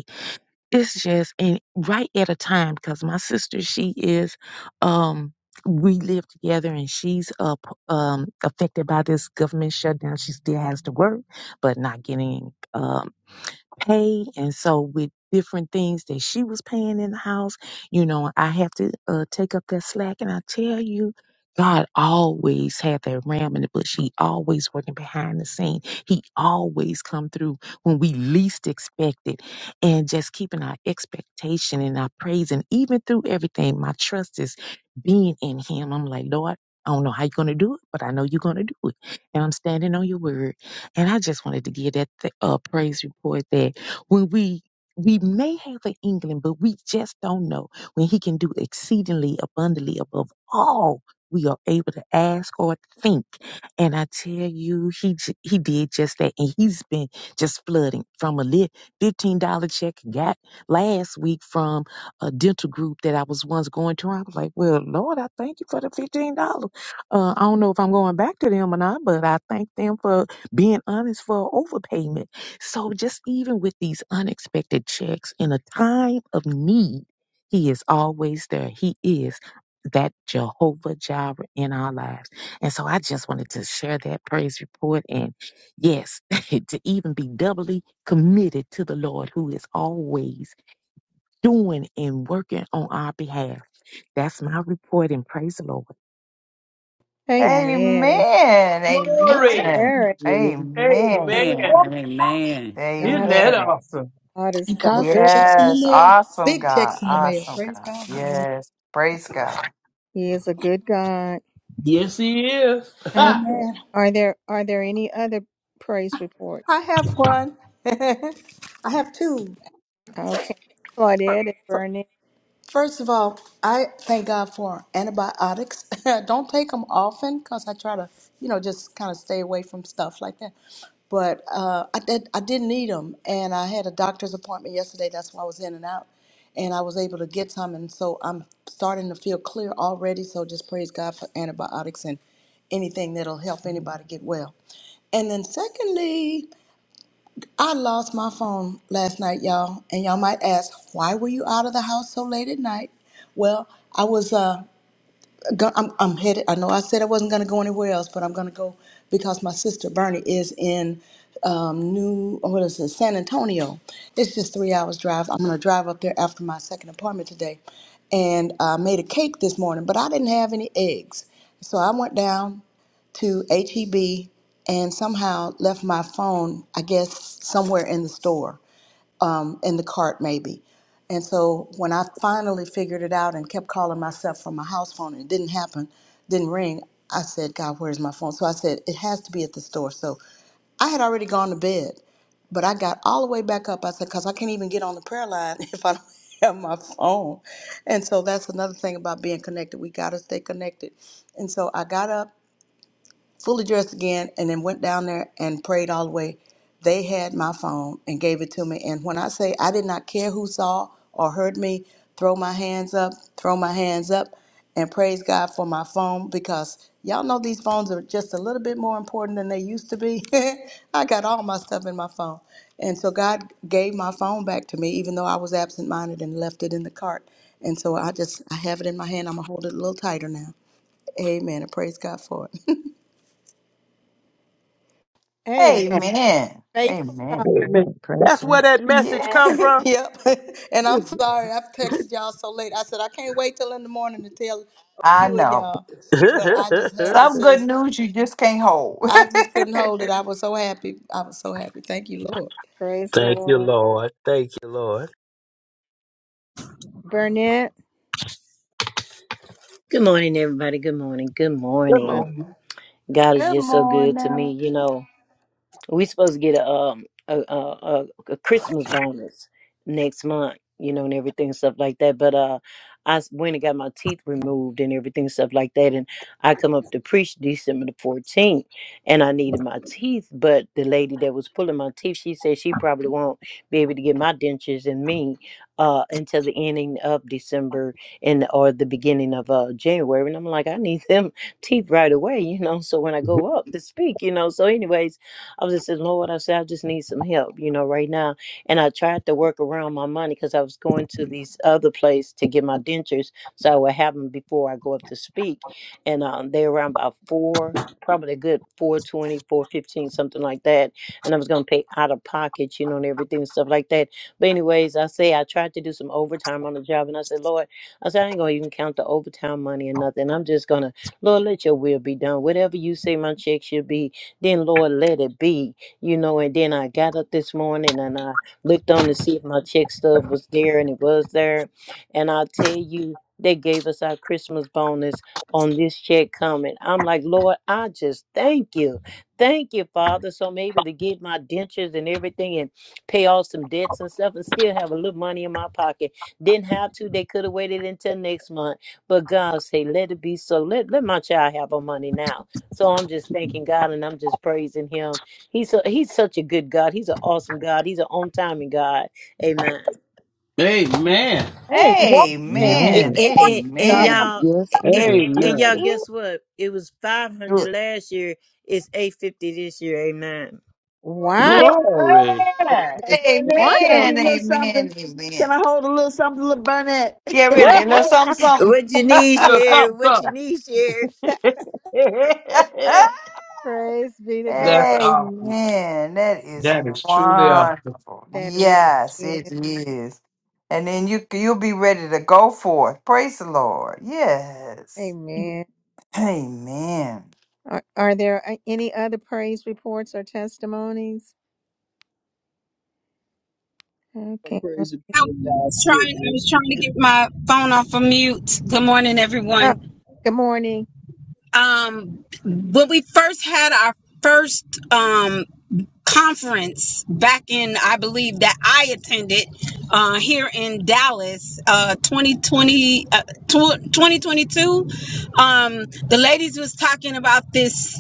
it's just and right at a time because my sister she is um we live together and she's up um affected by this government shutdown she still has to work but not getting um, pay and so with different things that she was paying in the house you know i have to uh, take up that slack and i tell you god always had that ram in the bush he always working behind the scene he always come through when we least expect it and just keeping our expectation and our praise and even through everything my trust is being in him i'm like lord I don't know how you're going to do it, but I know you're going to do it. And I'm standing on your word. And I just wanted to give that th- uh, praise report that when we we may have an inkling, but we just don't know when he can do exceedingly abundantly above all we are able to ask or think. And I tell you, he j- he did just that, and he's been just flooding from a lit fifteen dollar check I got last week from a dental group that I was once going to. I was like, well, Lord, I thank you for the fifteen dollars. Uh, I don't know if I'm going back to them or not, but I thank them for being honest for overpayment so just even with these unexpected checks in a time of need, he is always there. He is that Jehovah Jireh in our lives. And so I just wanted to share that praise report and yes, to even be doubly committed to the Lord who is always doing and working on our behalf. That's my report and praise the Lord. Amen. And Glory. Amen. Eric, Amen. Amen. Amen. Amen. Amen. Isn't God, that Amen. awesome? God is Thank so God for good. checks in the Yes. mail. Awesome Big God. checks in the mail. Awesome Praise God. God. Yeah. Yes. Praise God. He is a good God. Yes, he is. Ha! Okay. Amen. Are there are there any other praise I reports? have one. I have two. Okay. Claudette and Burnett. First of all, I thank God for antibiotics. I don't take them often because I try to, you know, just kind of stay away from stuff like that. But uh, I did. I did need them, and I had a doctor's appointment yesterday. That's why I was in and out, and I was able to get some, and so I'm starting to feel clear already. So just praise God for antibiotics and anything that'll help anybody get well. And then secondly, I lost my phone last night, y'all, and y'all might ask, why were you out of the house so late at night? Well, I was. uh, go- I'm, I'm headed. I know I said I wasn't going to go anywhere else, but I'm going to go because my sister Bernie is in um, New, what is it, San Antonio. It's just three hours drive. I'm going to drive up there after my second appointment today. And I made a cake this morning, but I didn't have any eggs. So I went down to HEB and somehow left my phone, I guess, somewhere in the store um, in the cart maybe. And so when I finally figured it out and kept calling myself from my house phone and it didn't happen, didn't ring, I said, God, where's my phone? So I said, it has to be at the store. So I had already gone to bed, but I got all the way back up. I said, because I can't even get on the prayer line if I don't have my phone. And so that's another thing about being connected. We got to stay connected. And so I got up fully dressed again, and then went down there and prayed all the way. They had my phone and gave it to me. And when I say I did not care who saw or heard me, throw my hands up, throw my hands up, and praise God for my phone because y'all know these phones are just a little bit more important than they used to be. I got all my stuff in my phone. And so God gave my phone back to me, even though I was absent minded and left it in the cart. And so I just, I have it in my hand. I'm going to hold it a little tighter now. Amen. And praise God for it. Hey, Amen. faithful God. Amen. Mm, mm, Amen. mm, Praise That's where God. that message Yeah. come from. Yep. And I'm sorry, I've texted y'all so late. I said I can't wait till in the morning to tell a I few of know. y'all. But I just had to Some say, good news you just can't hold. I just couldn't hold it. I was so happy. I was so happy. Thank you, Lord. Praise the Thank you, Lord. Lord. Thank you, Lord. Burnett. Good morning, everybody. Good morning. Good Come I morning. on. God is Good just so good to me. morning. You know, we supposed to get a um a, a a a Christmas bonus next month, you know, and everything stuff like that. But uh, I s- went and got my teeth removed and everything stuff like that, and I come up to preach December the fourteenth, and I needed my teeth. But the lady that was pulling my teeth, she said she probably won't be able to get my dentures and me uh until the ending of December and or the beginning of uh January. And I'm like, I need them teeth right away, you know. So when I go up to speak, you know. So anyways. I was just saying, Lord, I said, I just need some help, you know, right now. And I tried to work around my money because I was going to these other place to get my dentures, so I would have them before I go up to speak. And um, they around about four, probably a good four twenty, four fifteen, something like that. And I was going to pay out of pocket, you know, and everything and stuff like that. But anyways, I say I tried to do some overtime on the job, and I said, Lord, I said I ain't gonna even count the overtime money and nothing. I'm just gonna Lord, let your will be done. Whatever you say, my check should be then Lord, let it be, you know. And then I got up this morning and I looked on to see if my check stub was there, and it was there. And I'll tell you, they gave us our Christmas bonus on this check coming. I'm like, Lord, I just thank you. Thank you, Father. So I'm able to get my dentures and everything and pay off some debts and stuff and still have a little money in my pocket. Didn't have to. They could have waited until next month. But God say, let it be so. Let, let my child have her money now so I'm just thanking God and I'm just praising Him. He's so He's such a good God. He's an awesome God. He's an on timing God. Amen. Amen. Hey, What man, And, praise Amen. Man, and, be to and, and God. Amen. y'all, yes, he and, will do and Amen. y'all, guess it. what? It was 500 Good. last year. It's 850 this year. Amen. Wow. is Glory. That that? is Amen. wonderful. Amen. Amen. Yeah, Yeah. really. A little something, something. What you need, Look, share. something, What you need, share. something. praise be to God. That's awful. Amen. That is That is truly awesome. wonderful. That really Yes, it is. is. And then you you'll be ready to go forth. Praise the Lord. Yes. Amen. Amen. Are, are there a- any other praise reports or testimonies? Okay. praise and I praise God's was trying. I goodness. was trying to get And my phone off of mute. Good morning, Oh, everyone. good morning. Um, when we first had our first um conference back in, I believe that I attended uh, here in Dallas, uh, 2020, uh, tw- 2022. Um, the ladies was talking about this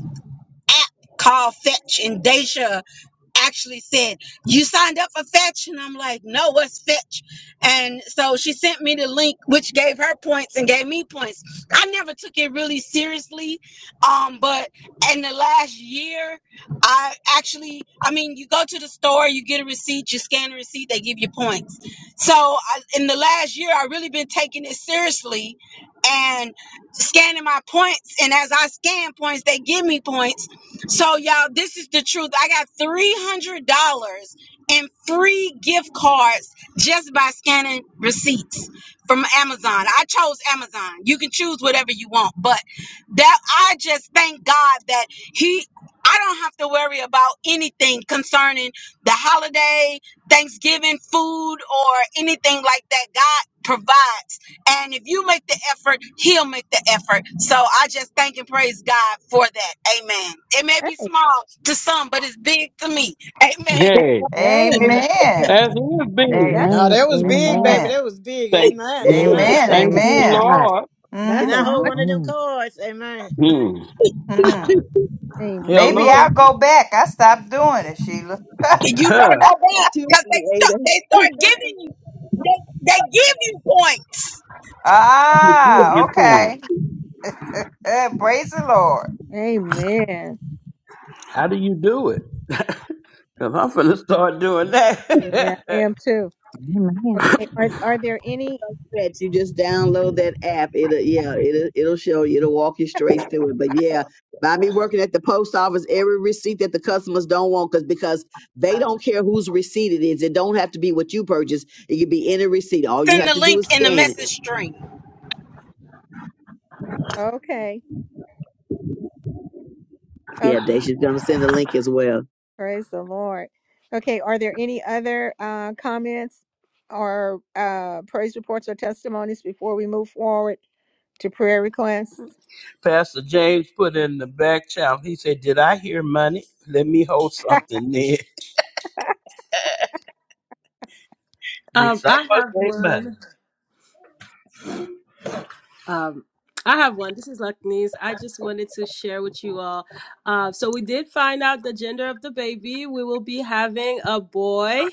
app called Fetch, and Deja actually said, You signed up for Fetch? And I'm like, No, what's Fetch? And so she sent me the link, which gave her points and gave me points. I never took it really seriously. Um, but in the last year, I actually, I mean, you go to the store, you get a receipt, you scan the receipt, they give you points. So I, in the last year, i really been taking it seriously and scanning my points. And as I scan points, they give me points so, y'all, this is the truth. I got $300 in free gift cards just by scanning receipts from Amazon. I chose Amazon. You can choose whatever you want, but that I just thank God that He. I don't have to worry about anything concerning the holiday, Thanksgiving food, or anything like that. God provides. And if you make the effort, he'll make the effort. So I just thank and praise God for that. Amen. It may be Hey, small to some, but it's big to me. Amen. Hey, amen. Amen. Amen. that's his big. Amen. That's No, Amen. that was big, Amen. a, baby. That was big. Thank, Amen. Amen. Yes, Amen. thank you, praise Amen. God. Lord. Can that's a I hold wonderful. one Mm-hmm. of them Mm, cards? Amen. Hmm. Mm. Amen. Maybe I'll Hello. go back. I stopped doing it, Sheila. You better Huh. go back because they start they start giving you they, they give you points. You give you Ah, okay. cool. Praise the Lord. Amen. How do you do it? Cause I'm gonna start doing Yeah, that. I am too. amen. Okay. Are are there any? stretch. You just download that app. It'll yeah, it'll it'll show you. It'll walk you straight through it. But yeah, by me working at the post office, every receipt that the customers don't want, because because they don't care whose receipt it is. It don't have to be what you purchased. It could be any receipt. All you Send have the to do link is in the scan it. message string. He Okay. Yeah, Okay. Daisha's gonna send a link as well. Praise the Lord. Okay. Are there any other uh, comments or uh, praise reports or testimonies before we move forward to prayer requests? Pastor James put in the back channel. He said, "Did I hear money? Let me hold something there." Yes, Um, I I must have say money. one. Um, I have one. This is Lucknees. I just wanted to share with you all. Uh, so we did find out the gender of the baby. We will be having a boy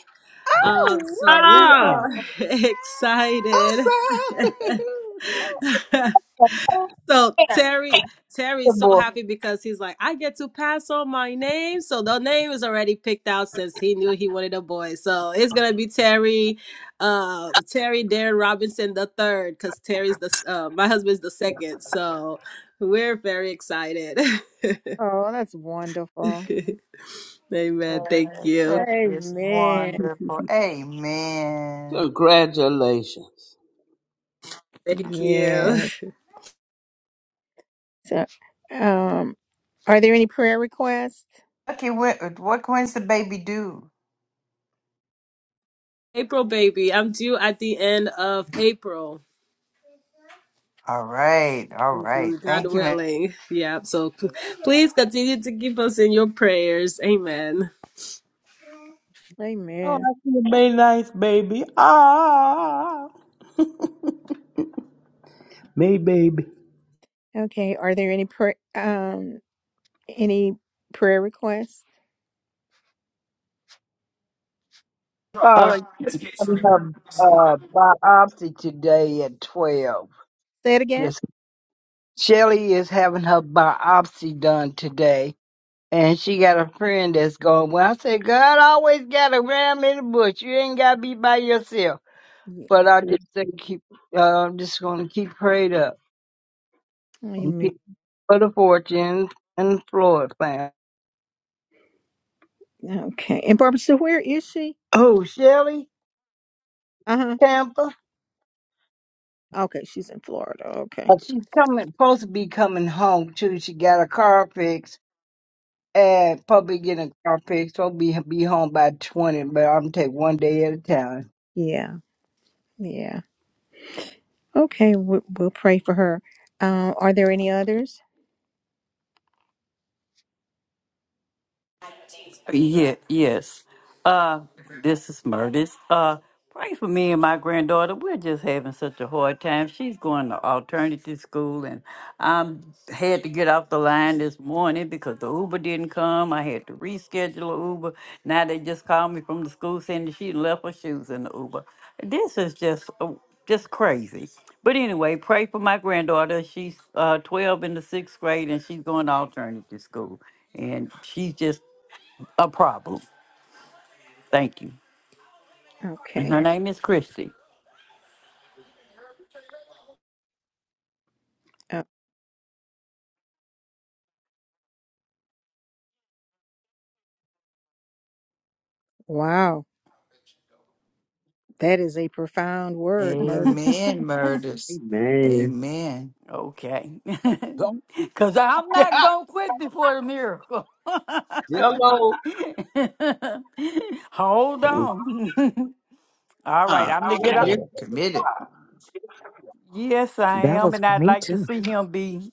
Um, Oh, so we wonderful. Ah, are excited. Awesome. Yay. so Terry, Terry's so Boy, happy because he's like, I get to pass on my name. So the name is already picked out since he knew he wanted a boy. So it's gonna be Terry, uh, Terry Darren Robinson the third, because Terry's the s- uh, my husband's the second. So we're very excited. Oh, that's wonderful. Amen. Thank Yes, you. that is Amen. wonderful. Amen. congratulations. Thank you. Yes. So, um, are there any prayer requests? Okay, what, what when's the baby do? April baby. I'm due at the end of April. All right, all right. Mhm, God Thank you, man. willing. Yeah. So p- please continue to keep us in your prayers. Amen. Oh, Amen. I see a May 9th, baby. Ah. May baby. Okay. Are there any prayer um any prayer requests? Uh, Uh, we have uh, biopsy today at 12. Say it again. just Shelly is having her biopsy done today. And she got a friend that's going, Well, I said, God always got a ram in the bush. You ain't got to be by yourself. Yeah. But I just say, keep, uh, I'm just going to keep prayed up and Amen. keep for the fortune and Floyd plan. Okay. And Barbara, so where is she? Oh, Shelly, Uh huh. Tampa, Okay, she's in Florida. Okay. uh, she's coming, supposed to be coming home too. She got a car fix and probably getting a car fix. Probably be, be home by 20, but I'm going to take one day at a time. Yeah. Yeah. Okay. we- We'll pray for her. Um, are there any others? Yeah, yes. Uh, this is Murdis. Uh, pray for me and my granddaughter. We're just having such a hard time. She's going to alternative school, and I had to get off the line this morning because the Uber didn't come. I had to reschedule a Uber. Now they just called me from the school saying that she left her shoes in the Uber. This is just uh, just crazy. But anyway, pray for my granddaughter. She's uh, 12 in the sixth grade, and she's going to alternative school and she's just a problem. Thank you. And Okay. her name is Christy. Uh, wow. That is a profound word, murders. Amen, murders. Amen. Amen. Okay. Don't- Because I'm not going to quit before the miracle. Hello. Hold Thank on. All right. Huh. I'm going to get up. You're God. committed. Yes, I That am. was And for I'd me like to too. see him be,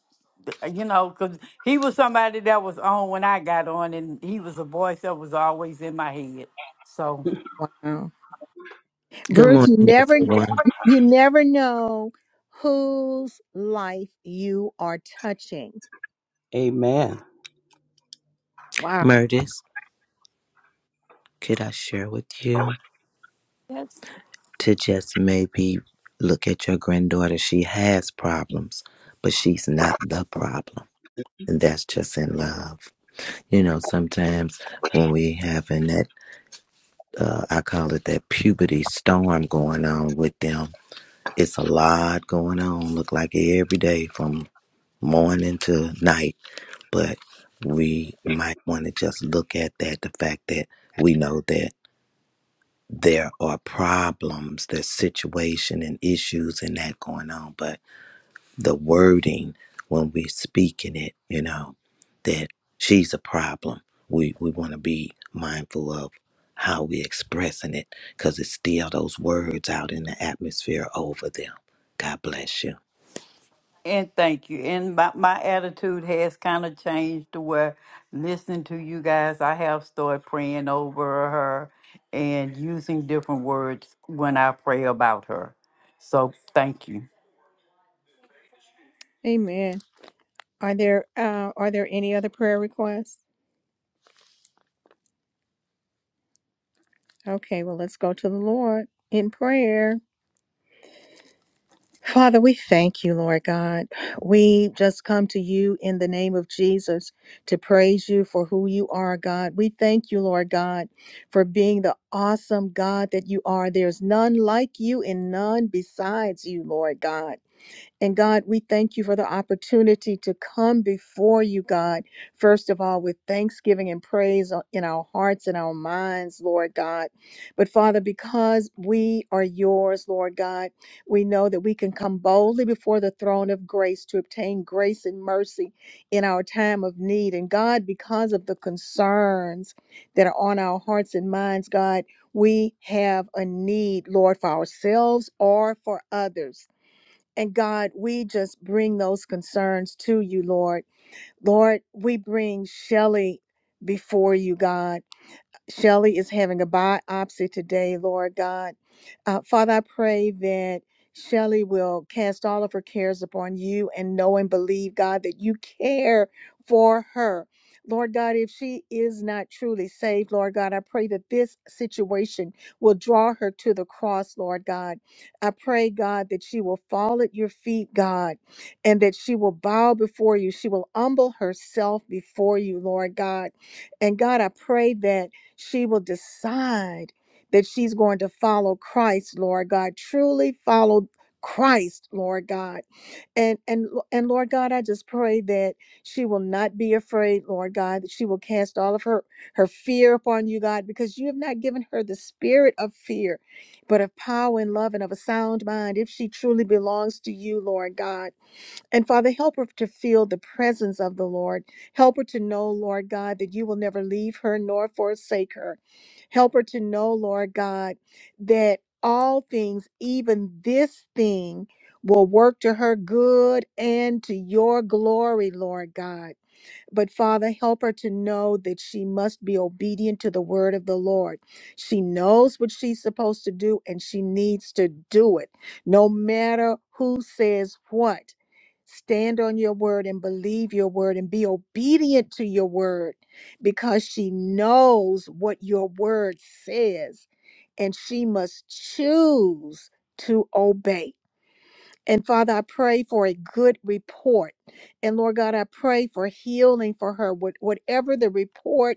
you know, because he was somebody that was on when I got on, and he was a voice that was always in my head. So. Wow. Good Bruce, you morning, never everyone. you never know whose life you are touching. Amen. Wow. Murdis, could I share with you to just maybe look at your granddaughter? She has problems, but she's not the problem. And that's just in love. You know, sometimes when we having that, uh, I call it that puberty storm going on with them, it's a lot going on. Look like every day from morning to night but we might want to just look at that the fact that we know that there are problems there's situation and issues and that going on but the wording when we speak in it you know that she's a problem we we want to be mindful of how we expressing it because it's still those words out in the atmosphere over them god bless you And thank you. And my, my attitude has kind of changed to where listening to you guys, I have started praying over her and using different words when I pray about her. So thank you. Amen. Are there uh are there any other prayer requests? Okay, well let's go to the Lord in prayer. Father, we thank you, Lord God. We just come to you in the name of Jesus to praise you for who you are, God. We thank you, Lord God, for being the awesome God that you are. There's none like you and none besides you, Lord God. And God, we thank you for the opportunity to come before you, God, first of all, with thanksgiving and praise uh, in our hearts and our minds, Lord God. But Father, because we are yours, Lord God, we know that we can come boldly before the throne of grace to obtain grace and mercy in our time of need. And God, because of the concerns that are on our hearts and minds, God, we have a need, Lord, for ourselves or for others. And God, we just bring those concerns to you, Lord. Lord, we bring Shelley before you, God. Shelly is having a biopsy today, Lord God. Uh, Father, I pray that Shelly will cast all of her cares upon you and know and believe, God, that you care for her. Lord God, if she is not truly saved, Lord God, I pray that this situation will draw her to the cross, Lord God. I pray, God, that she will fall at your feet, God, and that she will bow before you. She will humble herself before you, Lord God. And God, I pray that she will decide that she's going to follow Christ, Lord God, truly follow Christ, Lord God. And and and Lord God, I just pray that she will not be afraid, Lord God, that she will cast all of her her fear upon you, God, because you have not given her the spirit of fear, but of power and love and of a sound mind if she truly belongs to you, Lord God. And Father, help her to feel the presence of the Lord. Help her to know, Lord God, that you will never leave her nor forsake her. Help her to know, Lord God, that all things, even this thing, will work to her good and to your glory, Lord God. But Father, help her to know that she must be obedient to the word of the Lord. She knows what she's supposed to do and she needs to do it, no matter who says what. Stand on your word and believe your word and be obedient to your word because she knows what your word says and she must choose to obey. And Father, I pray for a good report. And Lord God, I pray for healing for her, what- whatever the report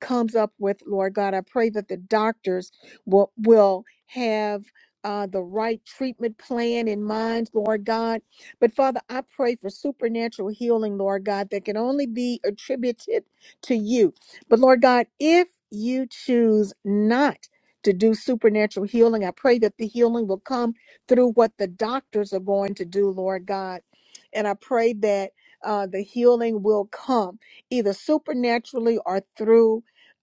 comes up with, Lord God. I pray that the doctors will, will have uh, the right treatment plan in mind, Lord God. But Father, I pray for supernatural healing, Lord God, that can only be attributed to you. But Lord God, if you choose not to do supernatural healing, I pray that the healing will come through what the doctors are going to do, Lord God. And I pray that uh, the healing will come either supernaturally or through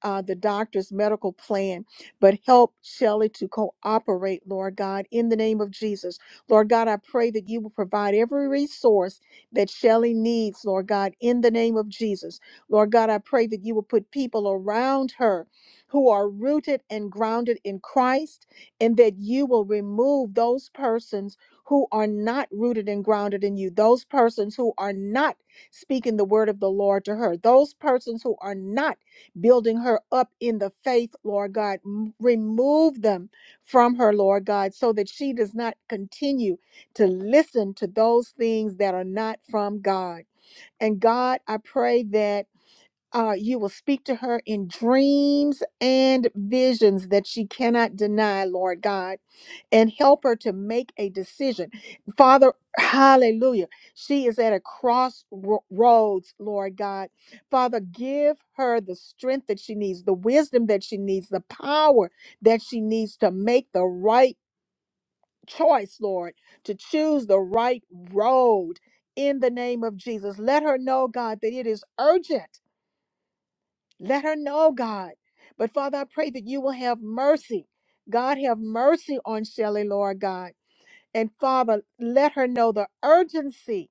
uh, the doctor's medical plan, but help Shelley to cooperate, Lord God, in the name of Jesus. Lord God, I pray that you will provide every resource that Shelley needs, Lord God, in the name of Jesus. Lord God, I pray that you will put people around her who are rooted and grounded in Christ, and that you will remove those persons who are not rooted and grounded in you, those persons who are not speaking the word of the Lord to her, those persons who are not building her up in the faith, Lord God. M- Remove them from her, Lord God, so that she does not continue to listen to those things that are not from God. And God, I pray that uh, you will speak to her in dreams and visions that she cannot deny, Lord God and help her to make a decision. Father, hallelujah. She is at a crossroads, Lord God. Father, give her the strength that she needs, the wisdom that she needs, the power that she needs to make the right choice, Lord, to choose the right road in the name of Jesus. Let her know, God, that it is urgent. Let her know, God. But Father, I pray that you will have mercy. God, have mercy on Shelley, Lord God. And Father, let her know the urgency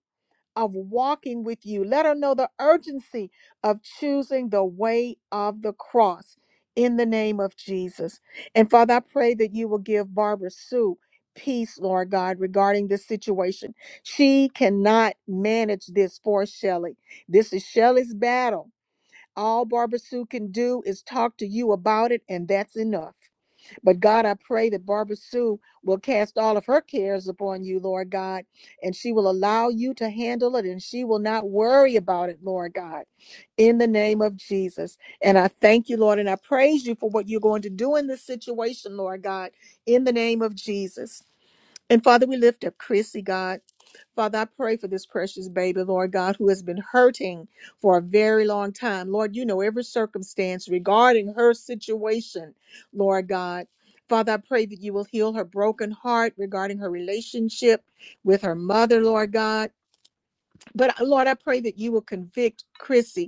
of walking with you. Let her know the urgency of choosing the way of the cross in the name of Jesus. And Father, I pray that you will give Barbara Sue peace, Lord God, regarding this situation. She cannot manage this for Shelley. This is Shelley's battle. All Barbara Sue can do is talk to you about it, and that's enough. But God, I pray that Barbara Sue will cast all of her cares upon you, Lord God, and she will allow you to handle it and she will not worry about it, Lord God, in the name of Jesus. And I thank you, Lord, and I praise you for what you're going to do in this situation, Lord God, in the name of Jesus. And Father, we lift up Chrissy, God. Father, I pray for this precious baby, Lord God, who has been hurting for a very long time. Lord, you know every circumstance regarding her situation, Lord God. Father, I pray that you will heal her broken heart regarding her relationship with her mother, Lord God. But Lord, I pray that you will convict Chrissy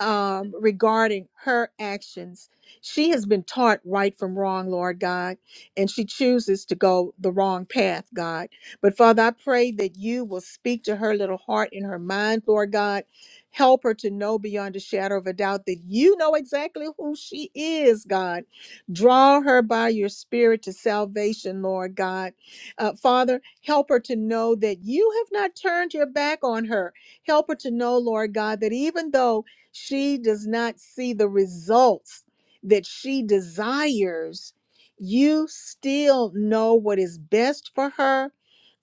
um, regarding her actions. She has been taught right from wrong, Lord God, and she chooses to go the wrong path, God. But Father, I pray that you will speak to her little heart and her mind, Lord God. Help her to know beyond a shadow of a doubt that you know exactly who she is, God. Draw her by your spirit to salvation, Lord God. Uh, Father, help her to know that you have not turned your back on her. Help her to know, Lord God, that even though she does not see the results that she desires, you still know what is best for her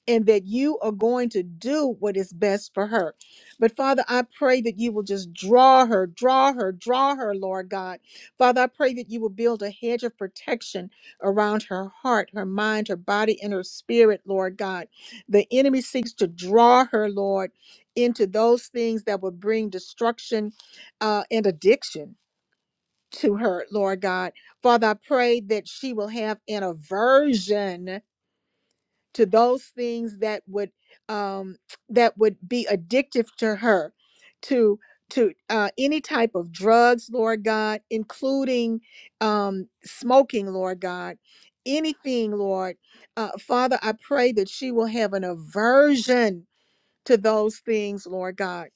and that you are going to do what is best for her. But Father, I pray that you will just draw her, draw her, draw her, Lord God. Father, I pray that you will build a hedge of protection around her heart, her mind, her body, and her spirit, Lord God. The enemy seeks to draw her, Lord, into those things that will bring destruction uh, and addiction. To her, Lord God. Father, I pray that she will have an aversion to those things that would um, that would be addictive to her, to to uh, any type of drugs, Lord God, including um, smoking, Lord God, anything, Lord, uh, Father, I pray that she will have an aversion to those things, Lord God.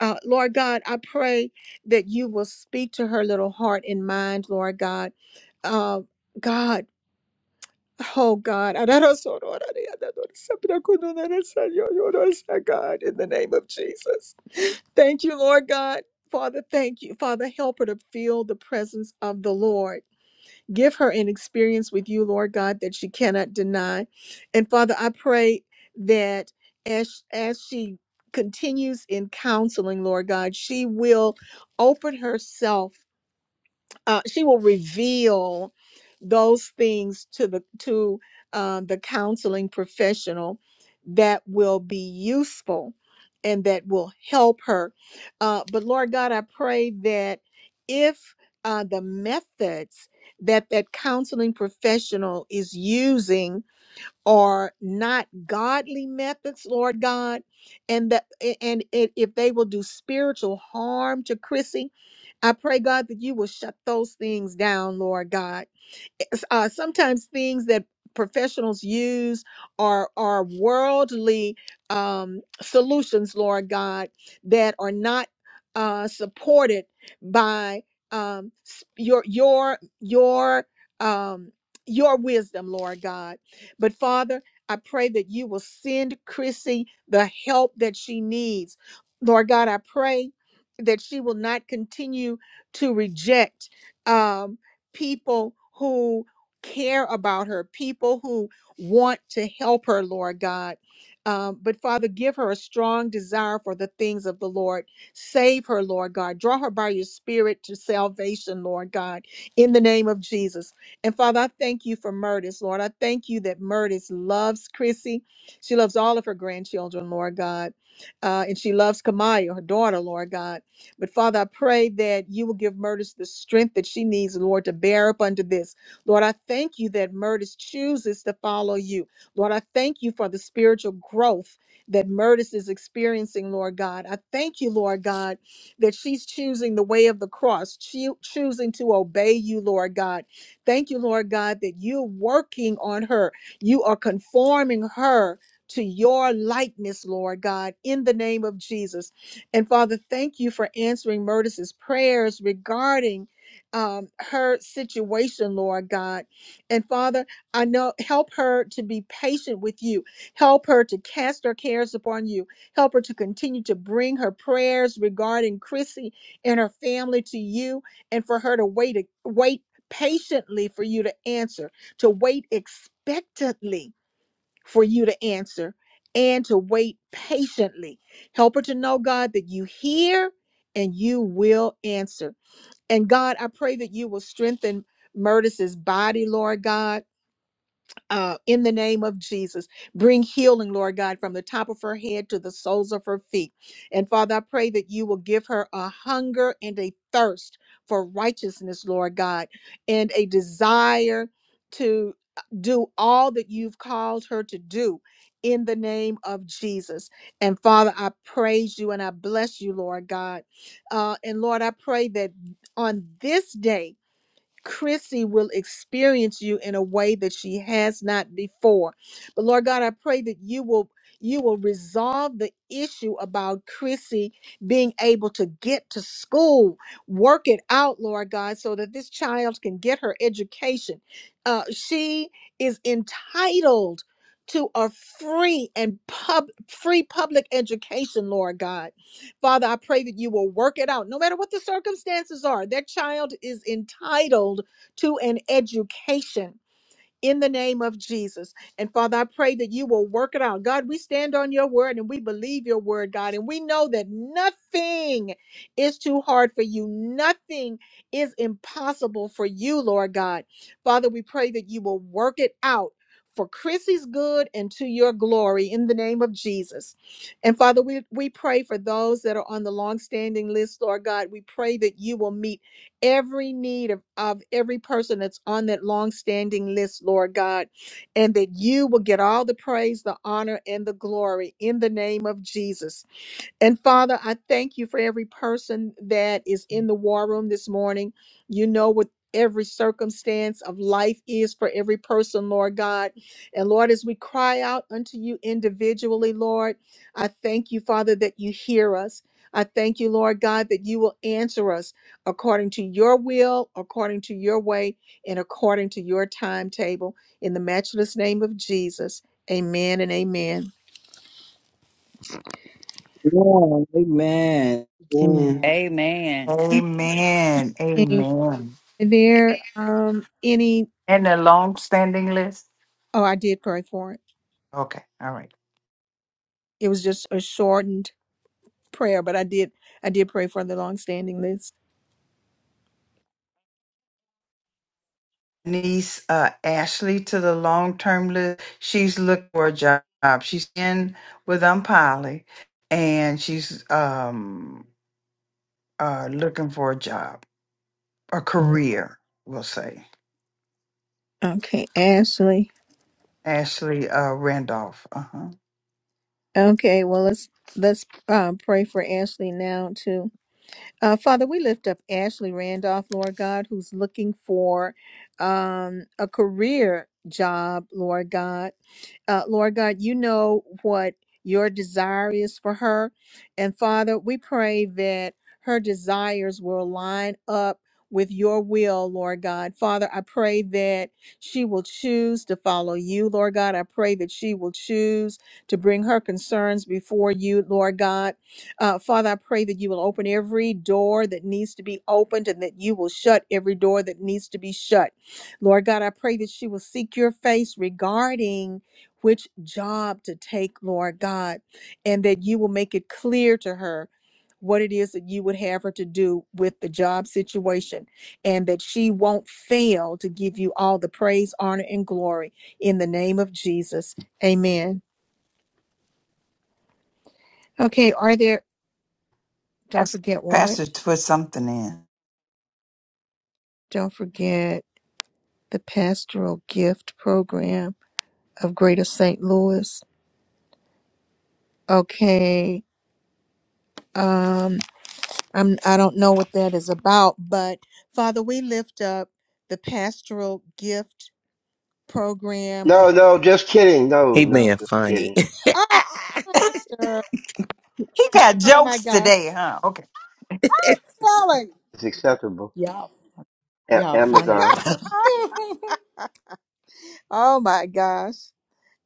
Uh, Lord God, I pray that you will speak to her little heart and mind, Lord God. Uh, God. Oh God, God, in the name of Jesus. Thank you, Lord God. Father, thank you. Father, help her to feel the presence of the Lord. Give her an experience with you, Lord God, that she cannot deny. And Father, I pray that as, as she continues in counseling, Lord God, she will open herself uh, she will reveal those things to the to uh, the counseling professional that will be useful and that will help her. Uh, but Lord God, I pray that if uh, the methods that that counseling professional is using are not godly methods, Lord God, and that and it, if they will do spiritual harm to Chrissy, I pray, God, that you will shut those things down, Lord God uh, sometimes things that professionals use are are worldly um, solutions, Lord God, that are not uh, supported by um, s- your your your um, your wisdom, Lord God. But Father, I pray that you will send Chrissy the help that she needs, Lord God. I pray that she will not continue to reject. Um, people who care about her, people who want to help her, Lord God. Um, but Father, give her a strong desire for the things of the Lord. Save her, Lord God. Draw her by your spirit to salvation, Lord God, in the name of Jesus. And Father, I thank you for Murtis, Lord. I thank you that Murtis loves Chrissy. She loves all of her grandchildren, Lord God. Uh, and she loves Kamaya, her daughter, Lord God. But Father, I pray that you will give Murtis the strength that she needs, Lord, to bear up under this. Lord, I thank you that Murtis chooses to follow you. Lord, I thank you for the spiritual growth that Murtis is experiencing, Lord God. I thank you, Lord God, that she's choosing the way of the cross, choo- choosing to obey you, Lord God. Thank you, Lord God, that you're working on her. You are conforming her to your likeness, Lord God, in the name of Jesus. And Father, thank you for answering Murtis's prayers regarding um, her situation, Lord God. And Father, I know help her to be patient with you. Help her to cast her cares upon you. Help her to continue to bring her prayers regarding Chrissy and her family to you, and for her to wait wait patiently for you to answer, to wait expectantly for you to answer and to wait patiently. Help her to know, God, that you hear and you will answer. And God, I pray that you will strengthen Murtis's body, Lord God uh, in the name of Jesus. Bring healing, Lord God, from the top of her head to the soles of her feet. And Father, I pray that you will give her a hunger and a thirst for righteousness, Lord God, and a desire to uh, do all that you've called her to do in the name of Jesus. And Father, I praise you and I bless you, Lord God. Uh, and Lord, I pray that on this day, Chrissy will experience you in a way that she has not before. But Lord God, I pray that you will you will resolve the issue about Chrissy being able to get to school. Work it out, Lord God, so that this child can get her education. Uh, she is entitled to a free and pub free public education, Lord God. Father, I pray that you will work it out, no matter what the circumstances are. Their child is entitled to an education in the name of Jesus. And Father, I pray that you will work it out. God, we stand on your word and we believe your word, God, and we know that nothing is too hard for you. Nothing is impossible for you, Lord God. Father, we pray that you will work it out. For Chrissy's good and to your glory in the name of Jesus. And Father, we, we pray for those that are on the long standing list, Lord God. We pray that you will meet every need of, of every person that's on that long-standing list, Lord God, and that you will get all the praise, the honor, and the glory in the name of Jesus. And Father, I thank you for every person that is in the war room this morning. You know what every circumstance of life is for every person, Lord God. And Lord, as we cry out unto you individually, Lord, I thank you, Father, that you hear us. I thank you, Lord God, that you will answer us according to your will, according to your way, and according to your timetable. In the matchless name of Jesus, amen and amen. Yeah, amen. Yeah. Amen. Amen. Amen. Amen. Are there um any And the long standing list? oh I did pray for it. Okay. All right. It was just a shortened prayer, but I did I did pray for the long standing list. Niece uh, Ashley to the long term list. She's looking for a job. She's in with Unpoly and she's um uh looking for a job, a career, we'll say. Okay, Ashley. Ashley uh Randolph. Uh-huh. Okay, well let's let's um, pray for Ashley now too. Uh, Father, we lift up Ashley Randolph, Lord God, who's looking for um, a career job, Lord God. Uh, Lord God, you know what your desire is for her. And Father, we pray that her desires will line up with your will, Lord God. Father, I pray that she will choose to follow you, Lord God. I pray that she will choose to bring her concerns before you, Lord God. Uh, Father, I pray that you will open every door that needs to be opened and that you will shut every door that needs to be shut. Lord God, I pray that she will seek your face regarding which job to take, Lord God, and that you will make it clear to her what it is that you would have her to do with the job situation, and that she won't fail to give you all the praise, honor, and glory in the name of Jesus. Amen. Okay, are there, don't Yes. forget what? Pastor put something in. Don't forget the pastoral gift program of Greater St. Louis. Okay. um, I'm, I don't know what that is about, but Father, we lift up the pastoral gift program of, No, no, just kidding. No, he no, being just funny kidding. oh, Pastor, He got oh my jokes gosh, today, huh? Okay. Chloe, It's acceptable. y'all, A- y'all funny. Amazon. oh my gosh.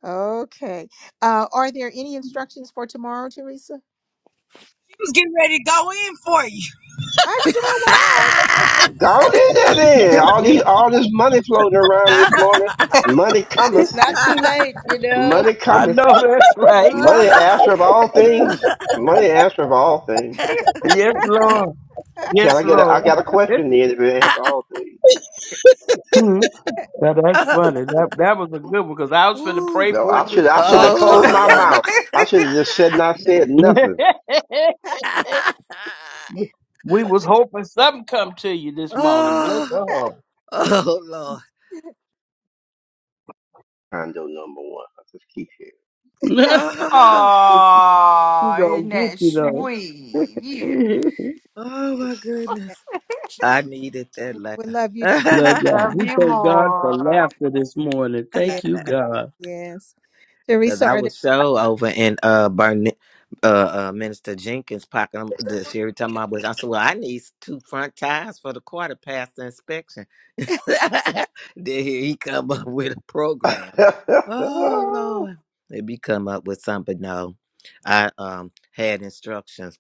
Okay. Uh, are there any instructions for tomorrow, Teresa? was getting ready to go in for you. I sure was. Go on in there then. All these all this money floating around this morning. Money it's cometh. not too late, you know. Money I cometh. know that's Ooh. right. Money answer of all things. Money answer of all things. Yes, Lord. Can I Yes, get a I Lord. got a question then if it answer all things. Hmm. now that's funny. That that was a good one because I was finna pray No, for I it too. should Oh. I should have Lord, touch it, closed my mouth. Lord. I should have just said not said nothing. we was hoping something come to you this morning. Bless oh. her Oh, Lord. Condo number one. I'll just keep heart. she Oh, gonna isn't get that you sweet? though. Oh, oh, my Eh, goodness. I needed that laugh. We love you too. Love y'all. Love We you thank God for more. laughter this morning. Yeah, Thank you, God. yes. Because Teresa, I are was so over in uh, Burnett. Uh, uh, Minister Jenkins pocket. I'm, the Sherry talking about, was- I said, "Well, I need two front tires for the car to pass the inspection." there? then here he come up with a program. Oh here. Lord. Maybe come up with something. No. I um had instructions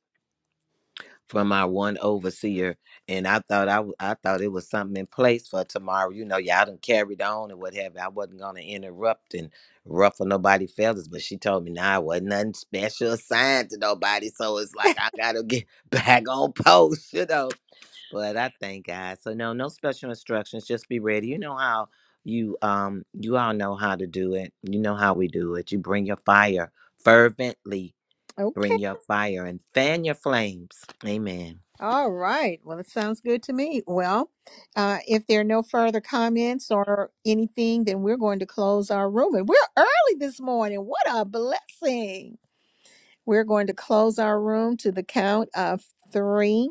from our one overseer and I thought I, w- I thought it was something in place for tomorrow. You know, y'all done carried on and what have you. I wasn't gonna interrupt and ruffle nobody feathers, but she told me nah, it wasn't nothing special assigned to nobody. So it's like I gotta get back on post, you know but I thank God. So no, no special instructions. Just be ready. You know how you um you all know how to do it. You know how we do it. You bring your fire fervently. Okay. Bring your fire and fan your flames. Amen. All right. Well, it sounds good to me. Well, uh, if there are no further comments or anything, then we're going to close our room. And we're early this morning. What a blessing. We're going to close our room to the count of three.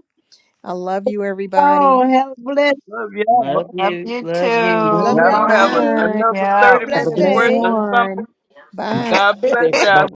I love you, everybody. Oh, hell Love Love y'all. Love you. you Love you. Love Love too. you Y'all y'all don't have all. an, too. Goodbye. another Have Yeah. a 30 Have a blessed minutes And blessed worth day. day. of something. one. Thank Bye. God bless you, y'all.